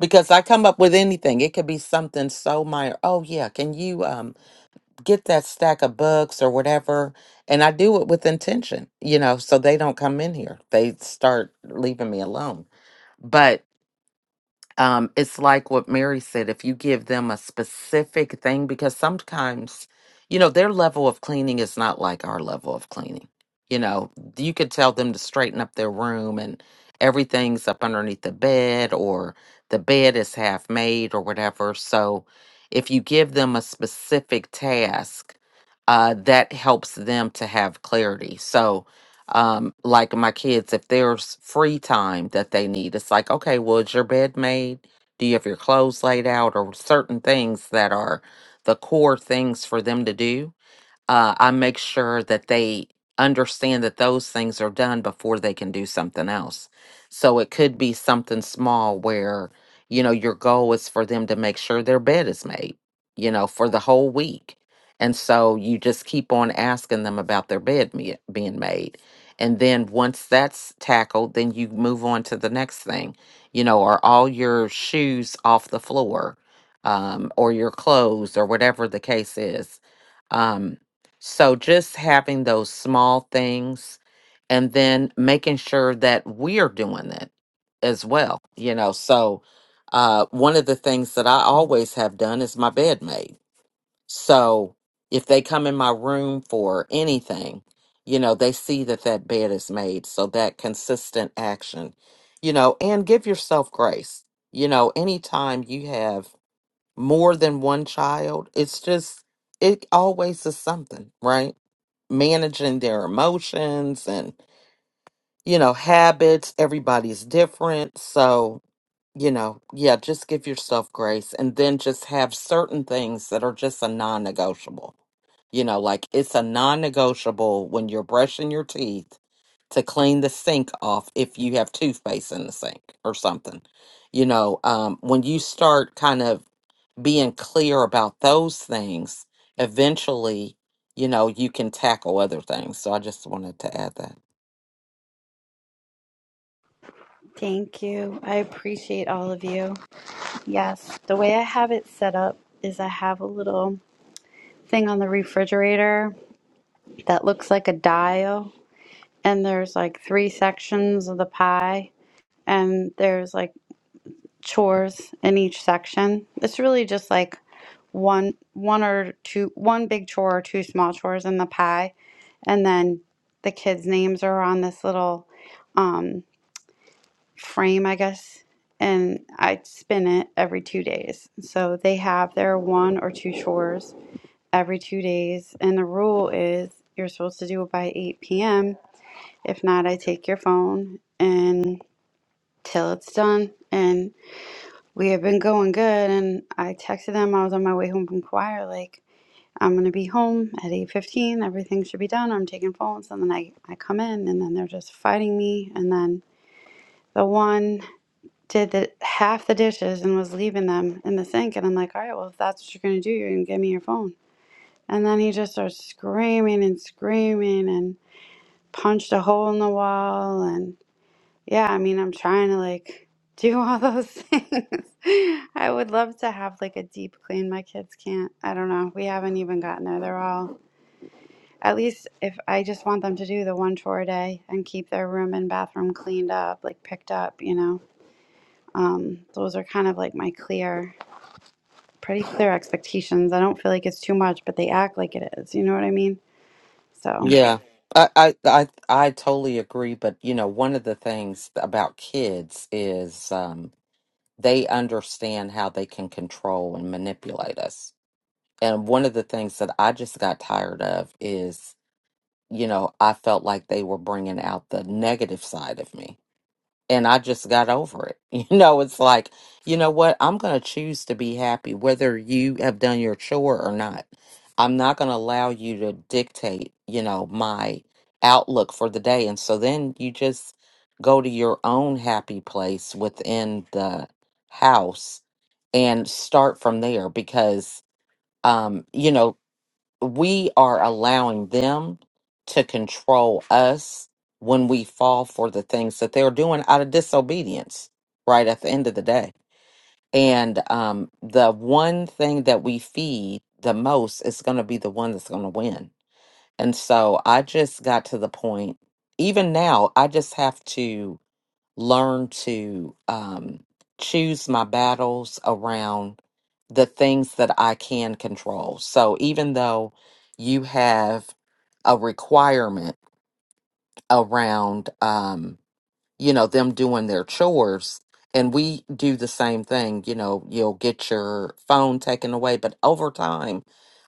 Speaker 3: Because I come up with anything, it could be something so minor. Oh, yeah, can you? um? get that stack of books or whatever and i do it with intention you know so they don't come in here they start leaving me alone but um, it's like what Mary said if you give them a specific thing, because sometimes, you know, their level of cleaning is not like our level of cleaning. You know, you could tell them to straighten up their room and everything's up underneath the bed or the bed is half made or whatever. So if you give them a specific task, uh, that helps them to have clarity. So, um, like my kids, if there's free time that they need, it's like, okay, well, is your bed made? Do you have your clothes laid out? Or certain things that are the core things for them to do uh, I make sure that they understand that those things are done before they can do something else. So it could be something small where, you know, your goal is for them to make sure their bed is made, you know, for the whole week. And so you just keep on asking them about their bed me- being made. And then once that's tackled, then you move on to the next thing. You know, are all your shoes off the floor um, or your clothes or whatever the case is? Um, so just having those small things and then making sure that we're doing it as well, you know. So uh one of the things that I always have done is my bed made. So if they come in my room for anything, you know, they see that that bed is made. So that consistent action, you know, and give yourself grace. You know, anytime you have more than one child, it's just it always is something, right? managing their emotions and you know habits everybody's different so you know yeah just give yourself grace and then just have certain things that are just a non-negotiable you know like it's a non-negotiable when you're brushing your teeth to clean the sink off if you have toothpaste in the sink or something you know um when you start kind of being clear about those things, eventually, you know, you can tackle other things. So I just wanted to add that.
Speaker 5: thank you i appreciate all of you Yes, the way I have it set up is I have a little thing on the refrigerator that looks like a dial, and there's like three sections of the pie, and there's like chores in each section. It's really just like one one or two one big chore or two small chores in the pie, and then the kids' names are on this little um, frame, I guess, and I spin it every two days. So they have their one or two chores every two days. And the rule is you're supposed to do it by 8 p.m. If not, I take your phone and till it's done. And we have been going good. And I texted them. I was on my way home from choir. Like I'm gonna be home at 8:15. Everything should be done. I'm taking phones. And then I I come in, and then they're just fighting me. And then the one did the half the dishes and was leaving them in the sink. And I'm like, all right, well if that's what you're gonna do, you're gonna give me your phone. And then he just starts screaming and screaming and punched a hole in the wall. And yeah, I mean, I'm trying to like <laughs> do all those <laughs> things. I would love to have like a deep clean. My kids can't. I don't know. We haven't even gotten there. They're all, at least if I just want them to do the one chore a day and keep their room and bathroom cleaned up, like picked up, you know. Um, those are kind of like my clear, pretty clear expectations. I don't feel like it's too much, but they act like it is. You know what I mean? So.
Speaker 3: Yeah. I, I I I totally agree, but you know, one of the things about kids is um, they understand how they can control and manipulate us. And one of the things that I just got tired of is, you know, I felt like they were bringing out the negative side of me and I just got over it. <laughs> You know, it's like, you know what? I'm going to choose to be happy whether you have done your chore or not. I'm not going to allow you to dictate, you know, my outlook for the day. And so then you just go to your own happy place within the house and start from there because um you know we are allowing them to control us when we fall for the things that they're doing out of disobedience right at the end of the day and um the one thing that we feed the most is going to be the one that's going to win and so i just got to the point even now i just have to learn to um choose my battles around the things that I can control. So even though you have a requirement around, um, you know, them doing their chores, and we do the same thing, you know, you'll get your phone taken away, but over time,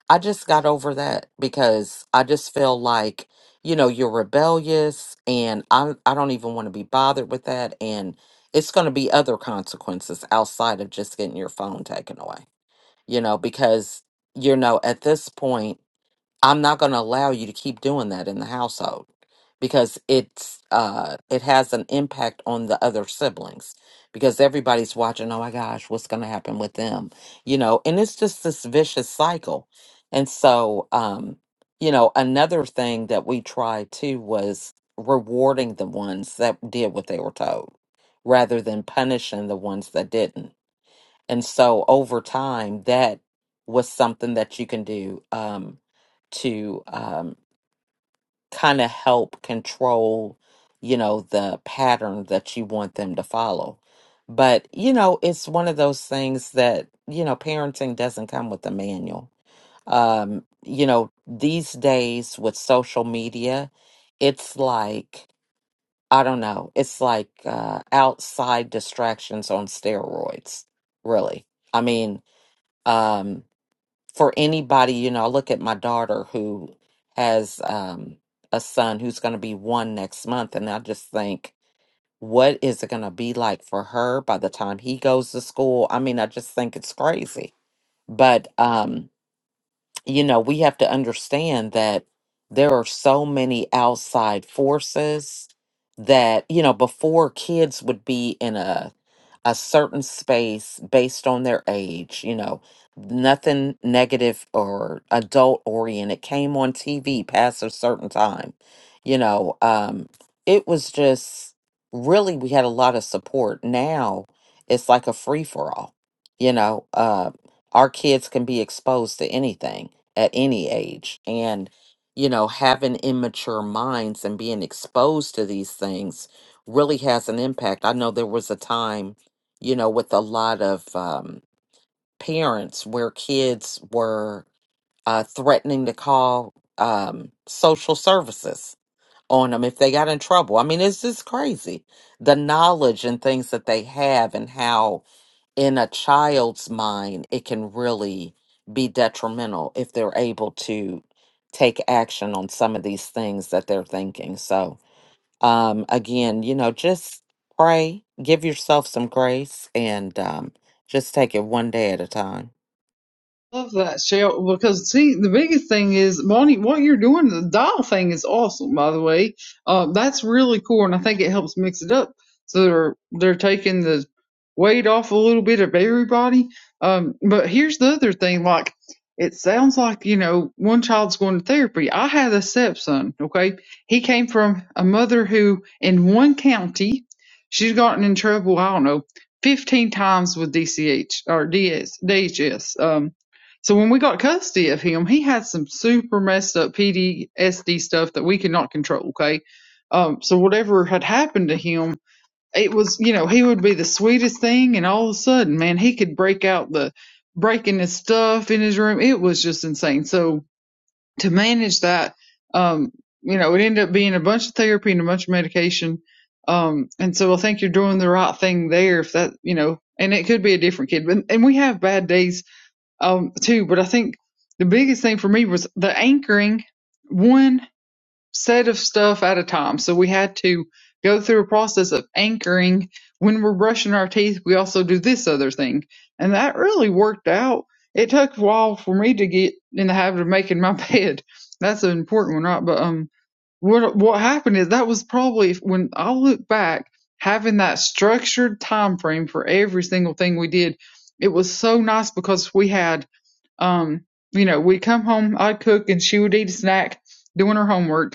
Speaker 3: I just got over that because I just feel like, you know, you're rebellious and I I don't even want to be bothered with that and it's going to be other consequences outside of just getting your phone taken away you know, because, you know, at this point, I'm not going to allow you to keep doing that in the household because it's, uh, it has an impact on the other siblings because everybody's watching, oh my gosh, what's going to happen with them, you know, and it's just this vicious cycle. And so, um, you know, another thing that we tried too was rewarding the ones that did what they were told rather than punishing the ones that didn't and so over time, that was something that you can do um, to um, kind of help control, you know, the pattern that you want them to follow. But, you know, it's one of those things that, you know, parenting doesn't come with a manual. Um, you know, these days with social media, it's like, I don't know, it's like uh, outside distractions on steroids, really. I mean, um, for anybody, you know, I look at my daughter who has um, a son who's going to be one next month, and I just think, what is it going to be like for her by the time he goes to school? I mean, I just think it's crazy. But, um, you know, we have to understand that there are so many outside forces that, you know, before kids would be in a a certain space based on their age, you know, nothing negative or adult oriented came on TV past a certain time. You know, um, it was just really, we had a lot of support. Now it's like a free for all, you know, uh, our kids can be exposed to anything at any age. And, you know, having immature minds and being exposed to these things really has an impact. I know there was a time you know, with a lot of um, parents where kids were uh, threatening to call um, social services on them if they got in trouble. I mean, it's just crazy the knowledge and things that they have, and how in a child's mind it can really be detrimental if they're able to take action on some of these things that they're thinking. So, um, again, you know, just pray, give yourself some grace, and um, just take it one day at a time.
Speaker 4: Love that, Shell, because see, the biggest thing is, Bonnie, what you're doing, the dial thing is awesome, by the way. Uh, that's really cool, and I think it helps mix it up. So they're, they're taking the weight off a little bit of everybody. Um, but here's the other thing, like, it sounds like, you know, one child's going to therapy. I had a stepson, okay? He came from a mother who, in one county, she's gotten in trouble, I don't know, 15 times with DCH or DS, DHS. Um, so when we got custody of him, he had some super messed up PTSD stuff that we could not control. Okay, um, so whatever had happened to him, it was you know he would be the sweetest thing, and all of a sudden, man, he could break out the breaking his stuff in his room. It was just insane. So to manage that, um, you know, it ended up being a bunch of therapy and a bunch of medication. Um, and so I think you're doing the right thing there if that, you know, and it could be a different kid, but, and we have bad days um, too. But I think the biggest thing for me was the anchoring one set of stuff at a time. So we had to go through a process of anchoring. When we're brushing our teeth, we also do this other thing. And that really worked out. It took a while for me to get in the habit of making my <laughs> bed. That's an important one, right? But um, what what happened is that was probably when I look back, having that structured time frame for every single thing we did, it was so nice because we had um, you know, we'd come home, I'd cook, and she would eat a snack doing her homework.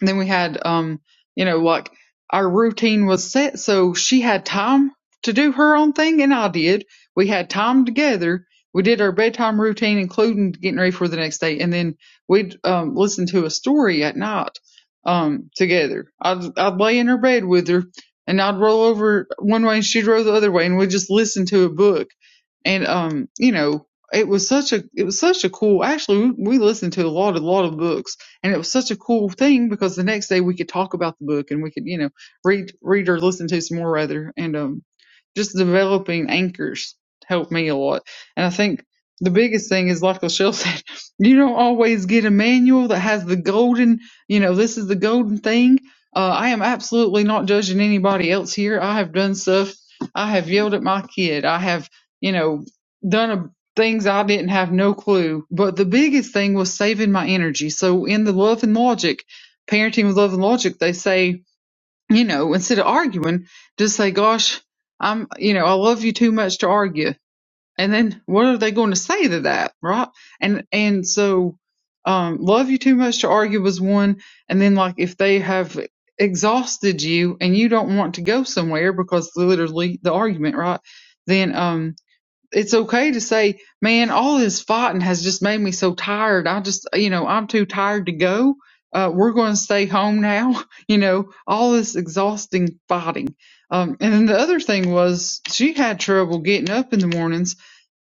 Speaker 4: And then we had, um, you know, like our routine was set, so she had time to do her own thing, and I did. We had time together. We did our bedtime routine, including getting ready for the next day, and then we'd um, listen to a story at night um, together. I'd, I'd lay in her bed with her, and I'd roll over one way, and she'd roll the other way, and we'd just listen to a book. And um, you know, it was such a it was such a cool. Actually, we, we listened to a lot a lot of books and it was such a cool thing because the next day we could talk about the book and we could, you know, read, read or listen to some more rather. And, um, just developing anchors helped me a lot. And I think the biggest thing is, like Michelle said, <laughs> you don't always get a manual that has the golden, you know, this is the golden thing. Uh, I am absolutely not judging anybody else here. I have done stuff. I have yelled at my kid. I have, you know, done a things I didn't have no clue. But the biggest thing was saving my energy. So in the love and logic, parenting with love and logic, they say, you know, instead of arguing, just say, gosh, I'm, you know, I love you too much to argue. And then what are they going to say to that? Right. And, and so, um, love you too much to argue was one. And then like if they have exhausted you and you don't want to go somewhere because literally the argument, right? Then, um, it's okay to say, man, all this fighting has just made me so tired. I just, you know, I'm too tired to go. Uh, we're going to stay home now. <laughs> You know, all this exhausting fighting. Um, and then the other thing was she had trouble getting up in the mornings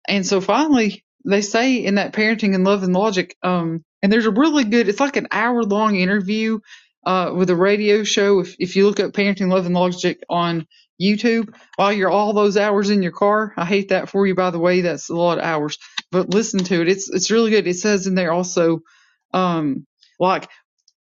Speaker 4: and so finally, they say in that parenting and love and logic, um, and there's a really good, it's like an hour long interview, uh, with a radio show. If, if you look up parenting, love and logic on YouTube while you're all those hours in your car, I hate that for you, by the way, that's a lot of hours, but listen to it. It's, it's really good. It says in there also, um, like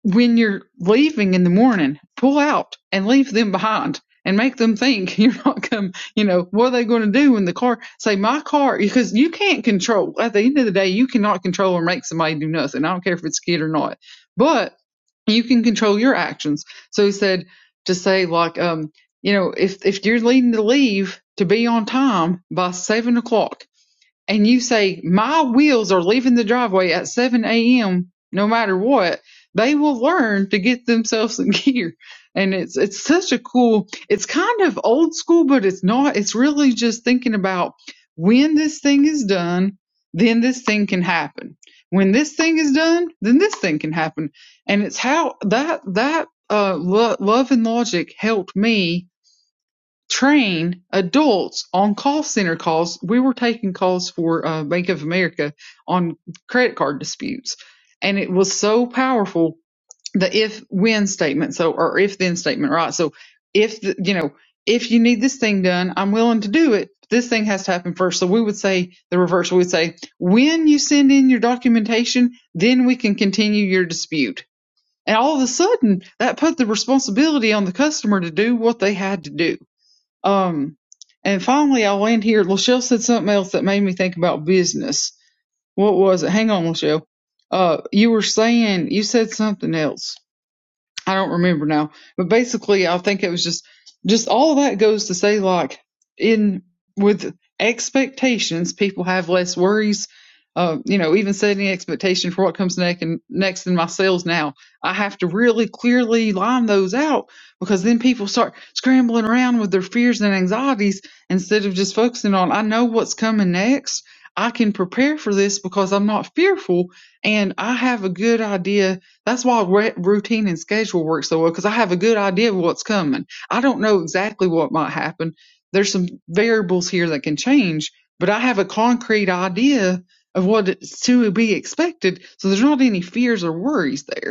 Speaker 4: when you're leaving in the morning, pull out and leave them behind and make them think <laughs> you're not come, you know, what are they going to do when the car, say my car, because you can't control, at the end of the day, you cannot control or make somebody do nothing. I don't care if it's a kid or not, but you can control your actions. So he said to say like, um, you know, if, if you're leading to leave to be on time by seven o'clock, and you say, My wheels are leaving the driveway at 7 a.m. no matter what, they will learn to get themselves in <laughs> gear. And it's it's such a cool it's kind of old school, but it's not. It's really just thinking about when this thing is done, then this thing can happen. When this thing is done, then this thing can happen. And it's how that that uh, lo- love and logic helped me train adults on call center calls. We were taking calls for uh, Bank of America on credit card disputes, and it was so powerful the if when statement. So or if then statement, right? So if the, you know if you need this thing done, I'm willing to do it. This thing has to happen first. So we would say the reverse. We would say when you send in your documentation, then we can continue your dispute. And all of a sudden, that put the responsibility on the customer to do what they had to do um, and finally, I will end here. Lachelle said something else that made me think about business. What was it? Hang on, Lachelle. Uh, you were saying you said something else. I don't remember now, but basically, I think it was just just all of that goes to say like in with expectations, people have less worries. Uh, you know, even setting expectation for what comes next and next in my sales now, I have to really clearly line those out because then people start scrambling around with their fears and anxieties instead of just focusing on I know what's coming next. I can prepare for this because I'm not fearful and I have a good idea that's why re- routine and schedule works so well because I have a good idea of what's coming. I don't know exactly what might happen. There's some variables here that can change, but I have a concrete idea of what is to be expected. So there's not any fears or worries there.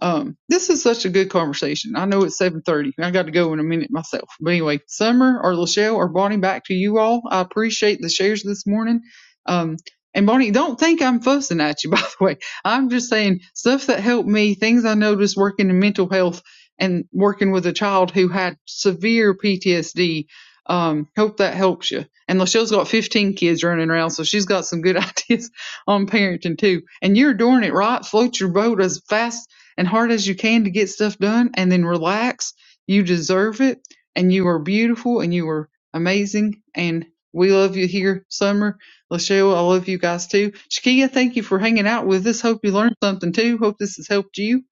Speaker 4: Um, this is such a good conversation. I know it's 7:30. I got to go in a minute myself. But anyway, Summer or Lachelle or Bonnie, back to you all. I appreciate the shares this morning. Um, and Bonnie, don't think I'm fussing at you. <laughs> By the way, I'm just saying stuff that helped me, things I noticed working in mental health and working with a child who had severe PTSD. Um, hope that helps you. And Lachelle's got 15 kids running around, so she's got some good <laughs> ideas on parenting too. And you're doing it right. Float your boat as fast and hard as you can to get stuff done and then relax. You deserve it and you are beautiful and you are amazing and we love you here, Summer. Lachelle, I love you guys too. Shakia, thank you for hanging out with us. Hope you learned something too. Hope this has helped you.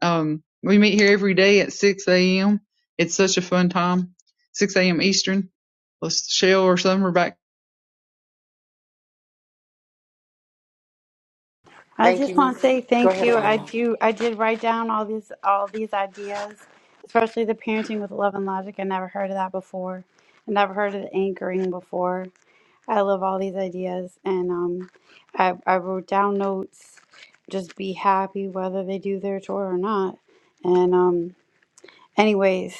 Speaker 4: Um, we meet here every day at 6 a.m. It's such a fun time. 6 a.m. Eastern. Lachelle or Summer back
Speaker 5: I
Speaker 1: Thank
Speaker 5: just want
Speaker 1: you.
Speaker 5: to say
Speaker 1: Go
Speaker 5: thank
Speaker 1: ahead,
Speaker 5: you. I
Speaker 1: Bonnie.
Speaker 5: do. I did write down all these all these ideas, especially the parenting with love and logic. I never heard of that before. I never heard of the anchoring before. I love all these ideas, and um, I I wrote down notes. Just be happy whether they do their tour or not. And um, anyways,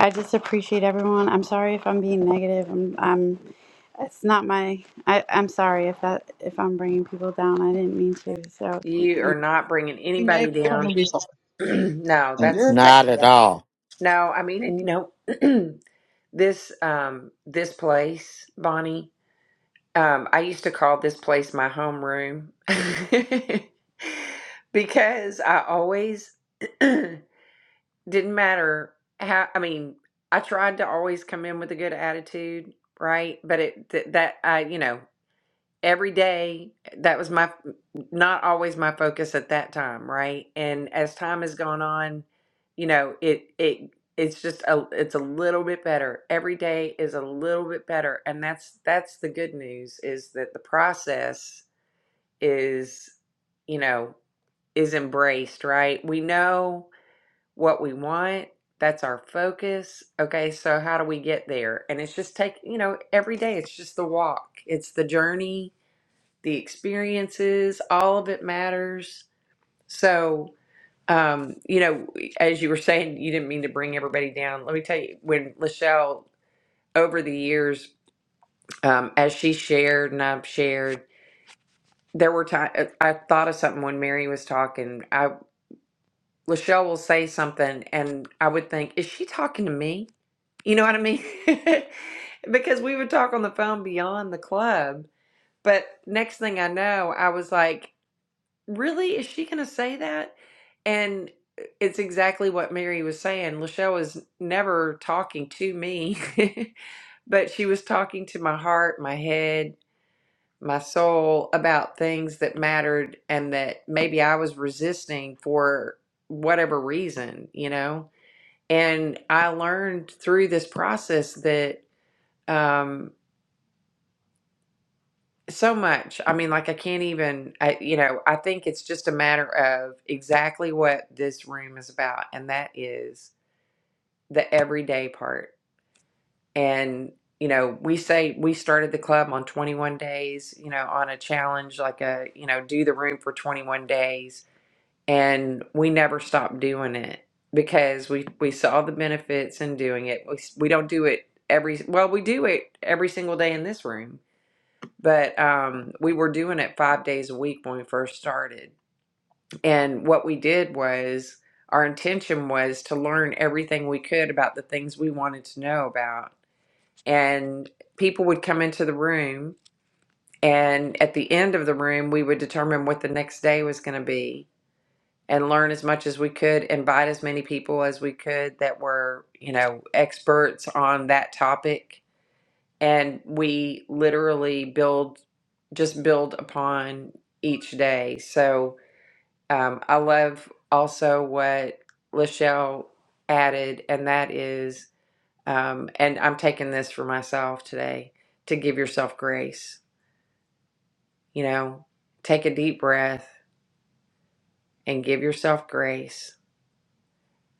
Speaker 5: I just appreciate everyone. I'm sorry if I'm being negative. I'm I'm. It's not my. I I'm sorry if that if I'm bringing people down. I didn't mean to. So
Speaker 1: You
Speaker 5: you,
Speaker 1: are not bringing anybody
Speaker 4: next. I don't
Speaker 1: down.
Speaker 4: know if it's
Speaker 1: <clears throat> no,
Speaker 3: N-
Speaker 4: on-
Speaker 1: that's
Speaker 4: your
Speaker 1: that.
Speaker 3: Not at
Speaker 1: Yeah.
Speaker 3: all.
Speaker 1: No, I mean, and you know, <clears throat> this um, this place, Bonnie. Um, I used to call this place my home room <laughs> because I always <clears throat> didn't matter how i mean i tried to always come in with a good attitude right but it th- that i you know every day that was my not always my focus at that time right and as time has gone on you know it it it's just a it's a little bit better every day is a little bit better and that's that's the good news is that the process is you know is embraced right we know what we want. That's our focus. Okay, so how do we get there? And it's just take, you know, every day it's just the walk, it's the journey, the experiences, all of it matters. So, um, you know, as you were saying, you didn't mean to bring everybody down. Let me tell you, when Lachelle, over the years, um, as she shared and I've shared, there were times I thought of something when Mary was talking. I Lachelle will say something, and I would think, is she talking to me? You know what I mean? <laughs> because we would talk on the phone beyond the club. But next thing I know, I was like, really? Is she going to say that? And uh, it's exactly what Mary was saying. Lachelle was never talking to me, <laughs> but she was talking to my heart, my head, my soul about things that mattered and that maybe I was resisting for whatever reason, you know? And I learned through this process that um so much i mean like i can't even I, you know i think it's just a matter of exactly what this room is about and that is the everyday part and you know we say we started the club on 21 days you know on a challenge like a you know do the room for 21 days and we never stopped doing it because we we saw the benefits in doing it we, s- we don't do it every well we do it every single day in this room But um, we were doing it five days a week when we first started. And what we did was our intention was to learn everything we could about the things we wanted to know about. And people would come into the room, and at the end of the room, we would determine what the next day was going to be and learn as much as we could, invite as many people as we could that were, you know, experts on that topic and we literally build just build upon each day so um, i love also what lachelle added and that is um, and i'm taking this for myself today to give yourself grace you know take a deep breath and give yourself grace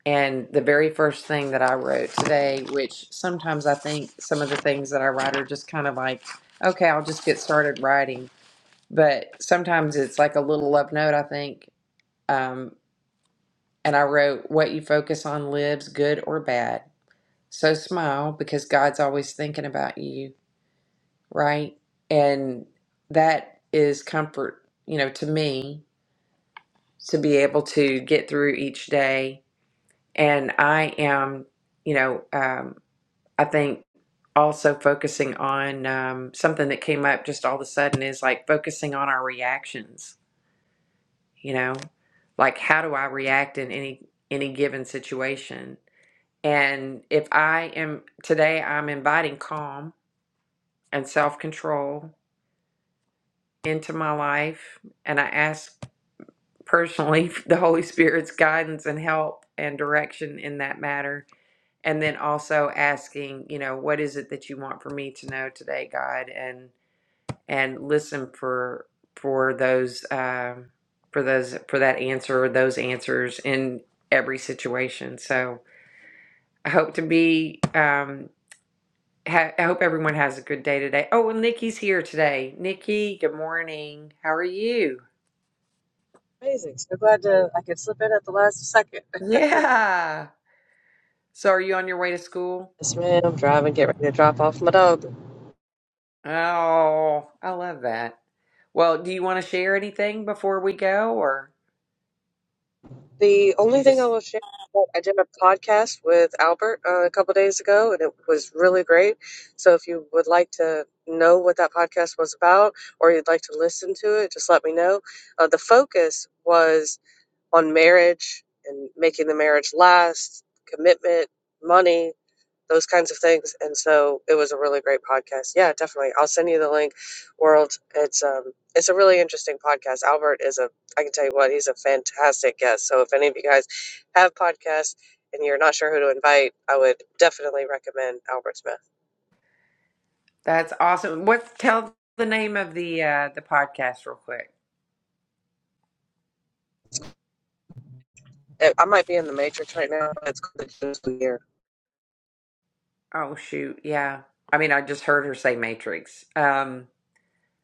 Speaker 1: and the very first thing that i wrote today which sometimes i think some of the things that i write are just kind of like okay i'll just get started writing but sometimes it's like a little love note, I think. Um, and I wrote, What you focus on lives, good or bad. So smile because God's always thinking about you, right? And that is comfort, you know, to me to be able to get through each day. And I am, you know, um, I think also focusing on um, something that came up just all of a sudden is like focusing on our reactions you know like how do i react in any any given situation and if i am today i'm inviting calm and self-control into my life and i ask personally <laughs> the holy spirit's guidance and help and direction in that matter and then also asking you know what is it that you want for me to know today god And and listen for for those um, for those for that answer or those answers in every situation. So I hope to be. Um, ha- I hope everyone has a good day today. Oh, and Nikki's here today. Nikki, good morning. How are you?
Speaker 6: Amazing. So glad to, I could slip in at the last second.
Speaker 1: Yeah. So are you on your way to school?
Speaker 6: Yes, ma'am. I'm driving, get ready to drop off my dog.
Speaker 1: Oh, I love that. Well, do you want to share anything before we go, or
Speaker 6: The
Speaker 1: you
Speaker 6: only thing I
Speaker 1: just?
Speaker 6: will share, is that I did a podcast with Albert uh, a couple days ago, and it was really great. So if you would like to know what that podcast was about, or you'd like to listen to it, just let me know. Uh, the focus was on marriage and making the marriage last, commitment, money, those kinds of things. And so it was a really great podcast. Yeah, definitely. I'll send you the link. World, it's um, it's a really interesting podcast. Albert is a, I can tell you what, he's a fantastic guest. So if any of you guys have podcasts and you're not sure who to invite, I would definitely recommend Albert Smith.
Speaker 1: That's awesome. What? Tell the name of the uh, the podcast real quick.
Speaker 6: I I might be in the Matrix right now. It's called the Digital Year.
Speaker 1: Oh shoot, yeah. I mean, I just heard her say Matrix. Um,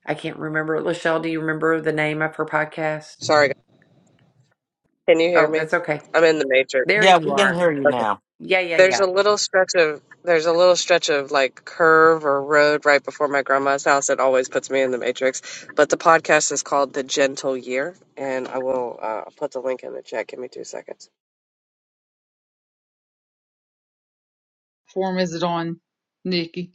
Speaker 1: I can't remember. Lachelle, do you remember the name of her podcast?
Speaker 6: Sorry, guys. can you hear
Speaker 1: Oh,
Speaker 6: me?
Speaker 1: that's okay.
Speaker 6: I'm in the Matrix.
Speaker 1: There
Speaker 3: Yeah,
Speaker 1: you
Speaker 3: we
Speaker 1: are.
Speaker 3: can hear you now.
Speaker 1: Yeah, yeah,
Speaker 6: There's
Speaker 1: yeah.
Speaker 6: a little stretch of there's a little stretch of like curve or road right before my grandma's house that always puts me in the matrix. But the podcast is called The Gentle Year, and I will uh, put the link in the chat. Give me two seconds.
Speaker 4: form is it on, Nikki?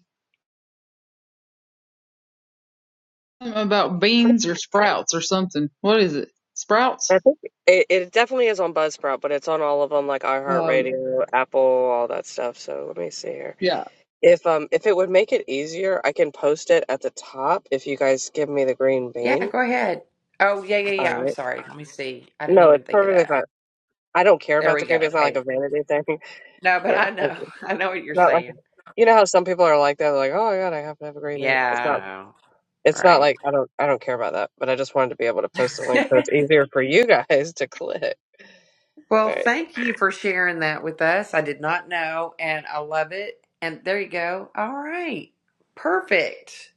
Speaker 4: something about
Speaker 6: Pretty,
Speaker 4: beans or sprouts or something. What is it? Sprouts?
Speaker 6: I think it, it definitely is on Buzzsprout, but it's on all of them like
Speaker 4: Oh yeah.
Speaker 6: iHeartRadio, Apple, all that stuff. So let me see here.
Speaker 4: Yeah.
Speaker 6: If um if it would make it easier, I can post it at the top if you guys give me the green
Speaker 1: Yeah,
Speaker 6: bean.
Speaker 1: go ahead. Oh, yeah, yeah,
Speaker 6: All
Speaker 1: yeah. I'm
Speaker 6: right.
Speaker 1: sorry. Let me see. I didn't
Speaker 6: No,
Speaker 1: even
Speaker 6: it's
Speaker 1: think of
Speaker 6: perfectly
Speaker 1: that.
Speaker 6: fine. I don't care
Speaker 1: There
Speaker 6: about the
Speaker 1: we go.
Speaker 6: green bean. It's not
Speaker 1: Okay.
Speaker 6: like a vanity thing.
Speaker 1: No, but
Speaker 6: Yeah,
Speaker 1: I
Speaker 6: I would
Speaker 1: know.
Speaker 6: do.
Speaker 1: <laughs> I know what you're
Speaker 6: not like
Speaker 1: saying.
Speaker 6: you know how some people are like that, they're like, oh my god, I have to have a green vape. It's
Speaker 1: Yeah,
Speaker 6: not.
Speaker 1: I know.
Speaker 6: It's not
Speaker 1: Right.
Speaker 6: like I don't. I don't care about that. But I just wanted to be able to post a link so it's easier for you <laughs> guys to click.
Speaker 1: <laughs> well, thank you for sharing that with us. I did not know, and I love it. And there you go. All right. Perfect.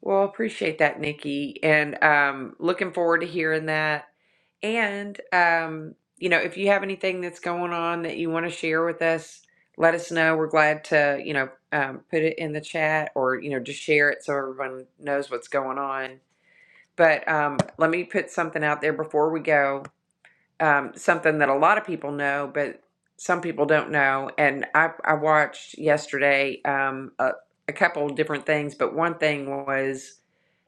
Speaker 1: Well, appreciate that, Nikki, and um, looking forward to hearing that. And um, you know, if you have anything that's going on that you want to share with us, let us know. We're glad to, you know, um, put it in the chat or you know just share it so everyone knows what's going on. But um, let me put something out there before we go. Um, something that a lot of people know, but some people don't know. And I, I watched yesterday um, a, a couple different things, but one thing was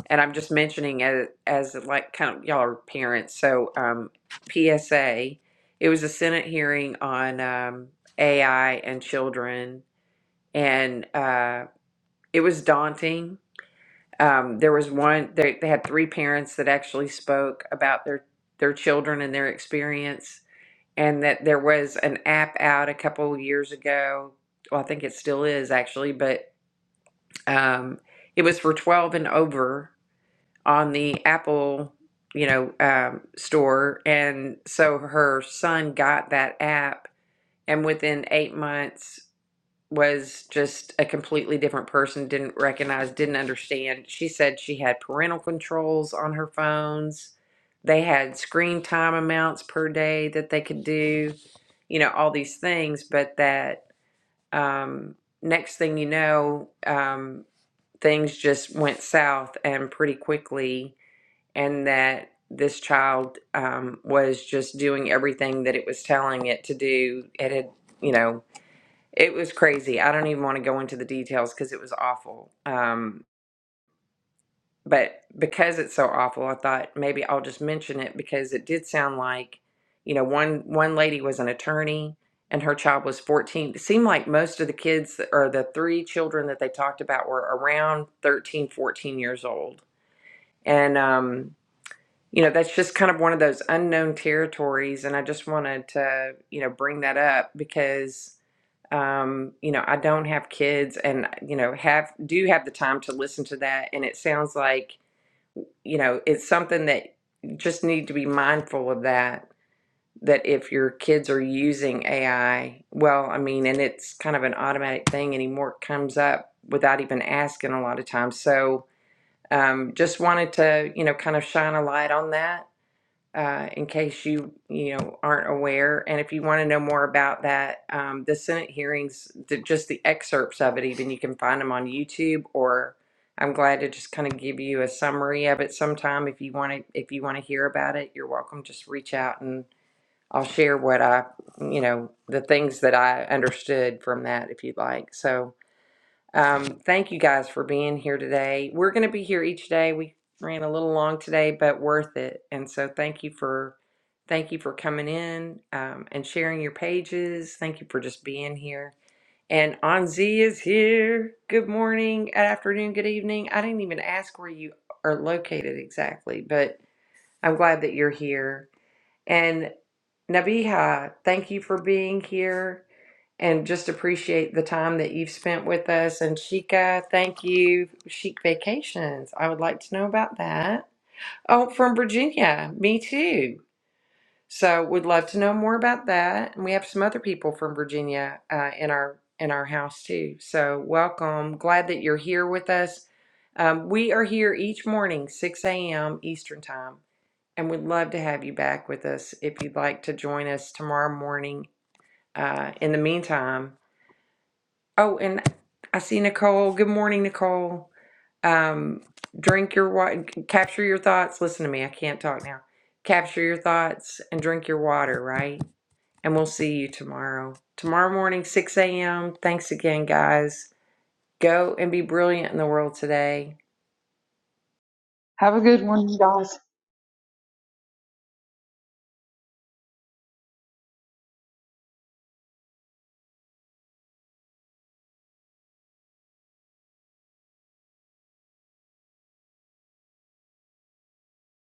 Speaker 1: and I'm just mentioning as, as like kind of y'all are parents. So um, PSA, it was a Senate hearing on um, AI and children, and uh, it was daunting. Um, there was one they, they had three parents that actually spoke about their their children and their experience, and that there was an app out a couple of years ago. Well, I think it still is actually, but um, it was for 12 and over on the Apple, you know, um, store, and so her son got that app, and within eight months was just a completely different person. Didn't recognize, didn't understand. She said she had parental controls on her phones. They had screen time amounts per day that they could do, you know, all these things, but that um, next thing you know, um, things just went south and pretty quickly and that this child um, was just doing everything that it was telling it to do. It had, you know, it was crazy. I don't even want to go into the details because it was awful. Um, but because it's so awful, I thought maybe I'll just mention it because it did sound like, you know, one one lady was an attorney and her child was 14. It seemed like most of the kids that- or the three children that they talked about were around 13, 14 years old. And um, you know that's just kind of one of those unknown territories and i just wanted to you know bring that up because um you know i don't have kids and you know have do have the time to listen to that and it sounds like you know it's something that you just need to be mindful of that that if your kids are using ai well i mean and it's kind of an automatic thing anymore it comes up without even asking a lot of times so um, just wanted to you know kind of shine a light on that uh, in case you you know aren't aware. And if you want to know more about that, um, the Senate hearings, the, just the excerpts of it, even you can find them on YouTube. Or I'm glad to just kind of give you a summary of it sometime. If you want to, if you want to hear about it, you're welcome. Just reach out and I'll share what I you know the things that I understood from that if you'd like. So. Um, thank you guys for being here today. We're going to be here each day. We ran a little long today, but worth it. And so thank you for thank you for coming in um, and sharing your pages. Thank you for just being here. And Anzi is here. Good morning, good afternoon, good evening. I didn't even ask where you are located exactly, but I'm glad that you're here. And Nabiha, thank you for being here and just appreciate the time that you've spent with us. And Sheikah, thank you. Chic Vacations, I would like to know about that. Oh, from Virginia, me too. So would love to know more about that. And we have some other people from Virginia uh, in our in our house too. So welcome. Glad that you're here with us. Um, we are here each morning, 6 a.m. Eastern Time, and we'd love to have you back with us if you'd like to join us tomorrow morning. Uh, in the meantime, Oh, and I see Nicole. Good morning, Nicole. Um, drink your water, capture your thoughts. Listen to me. I can't talk now. Capture your thoughts and drink your water, right? And we'll see you tomorrow. Tomorrow morning, 6 a.m. Thanks again, guys. Go and be brilliant in the world today.
Speaker 4: Have a good one, you guys.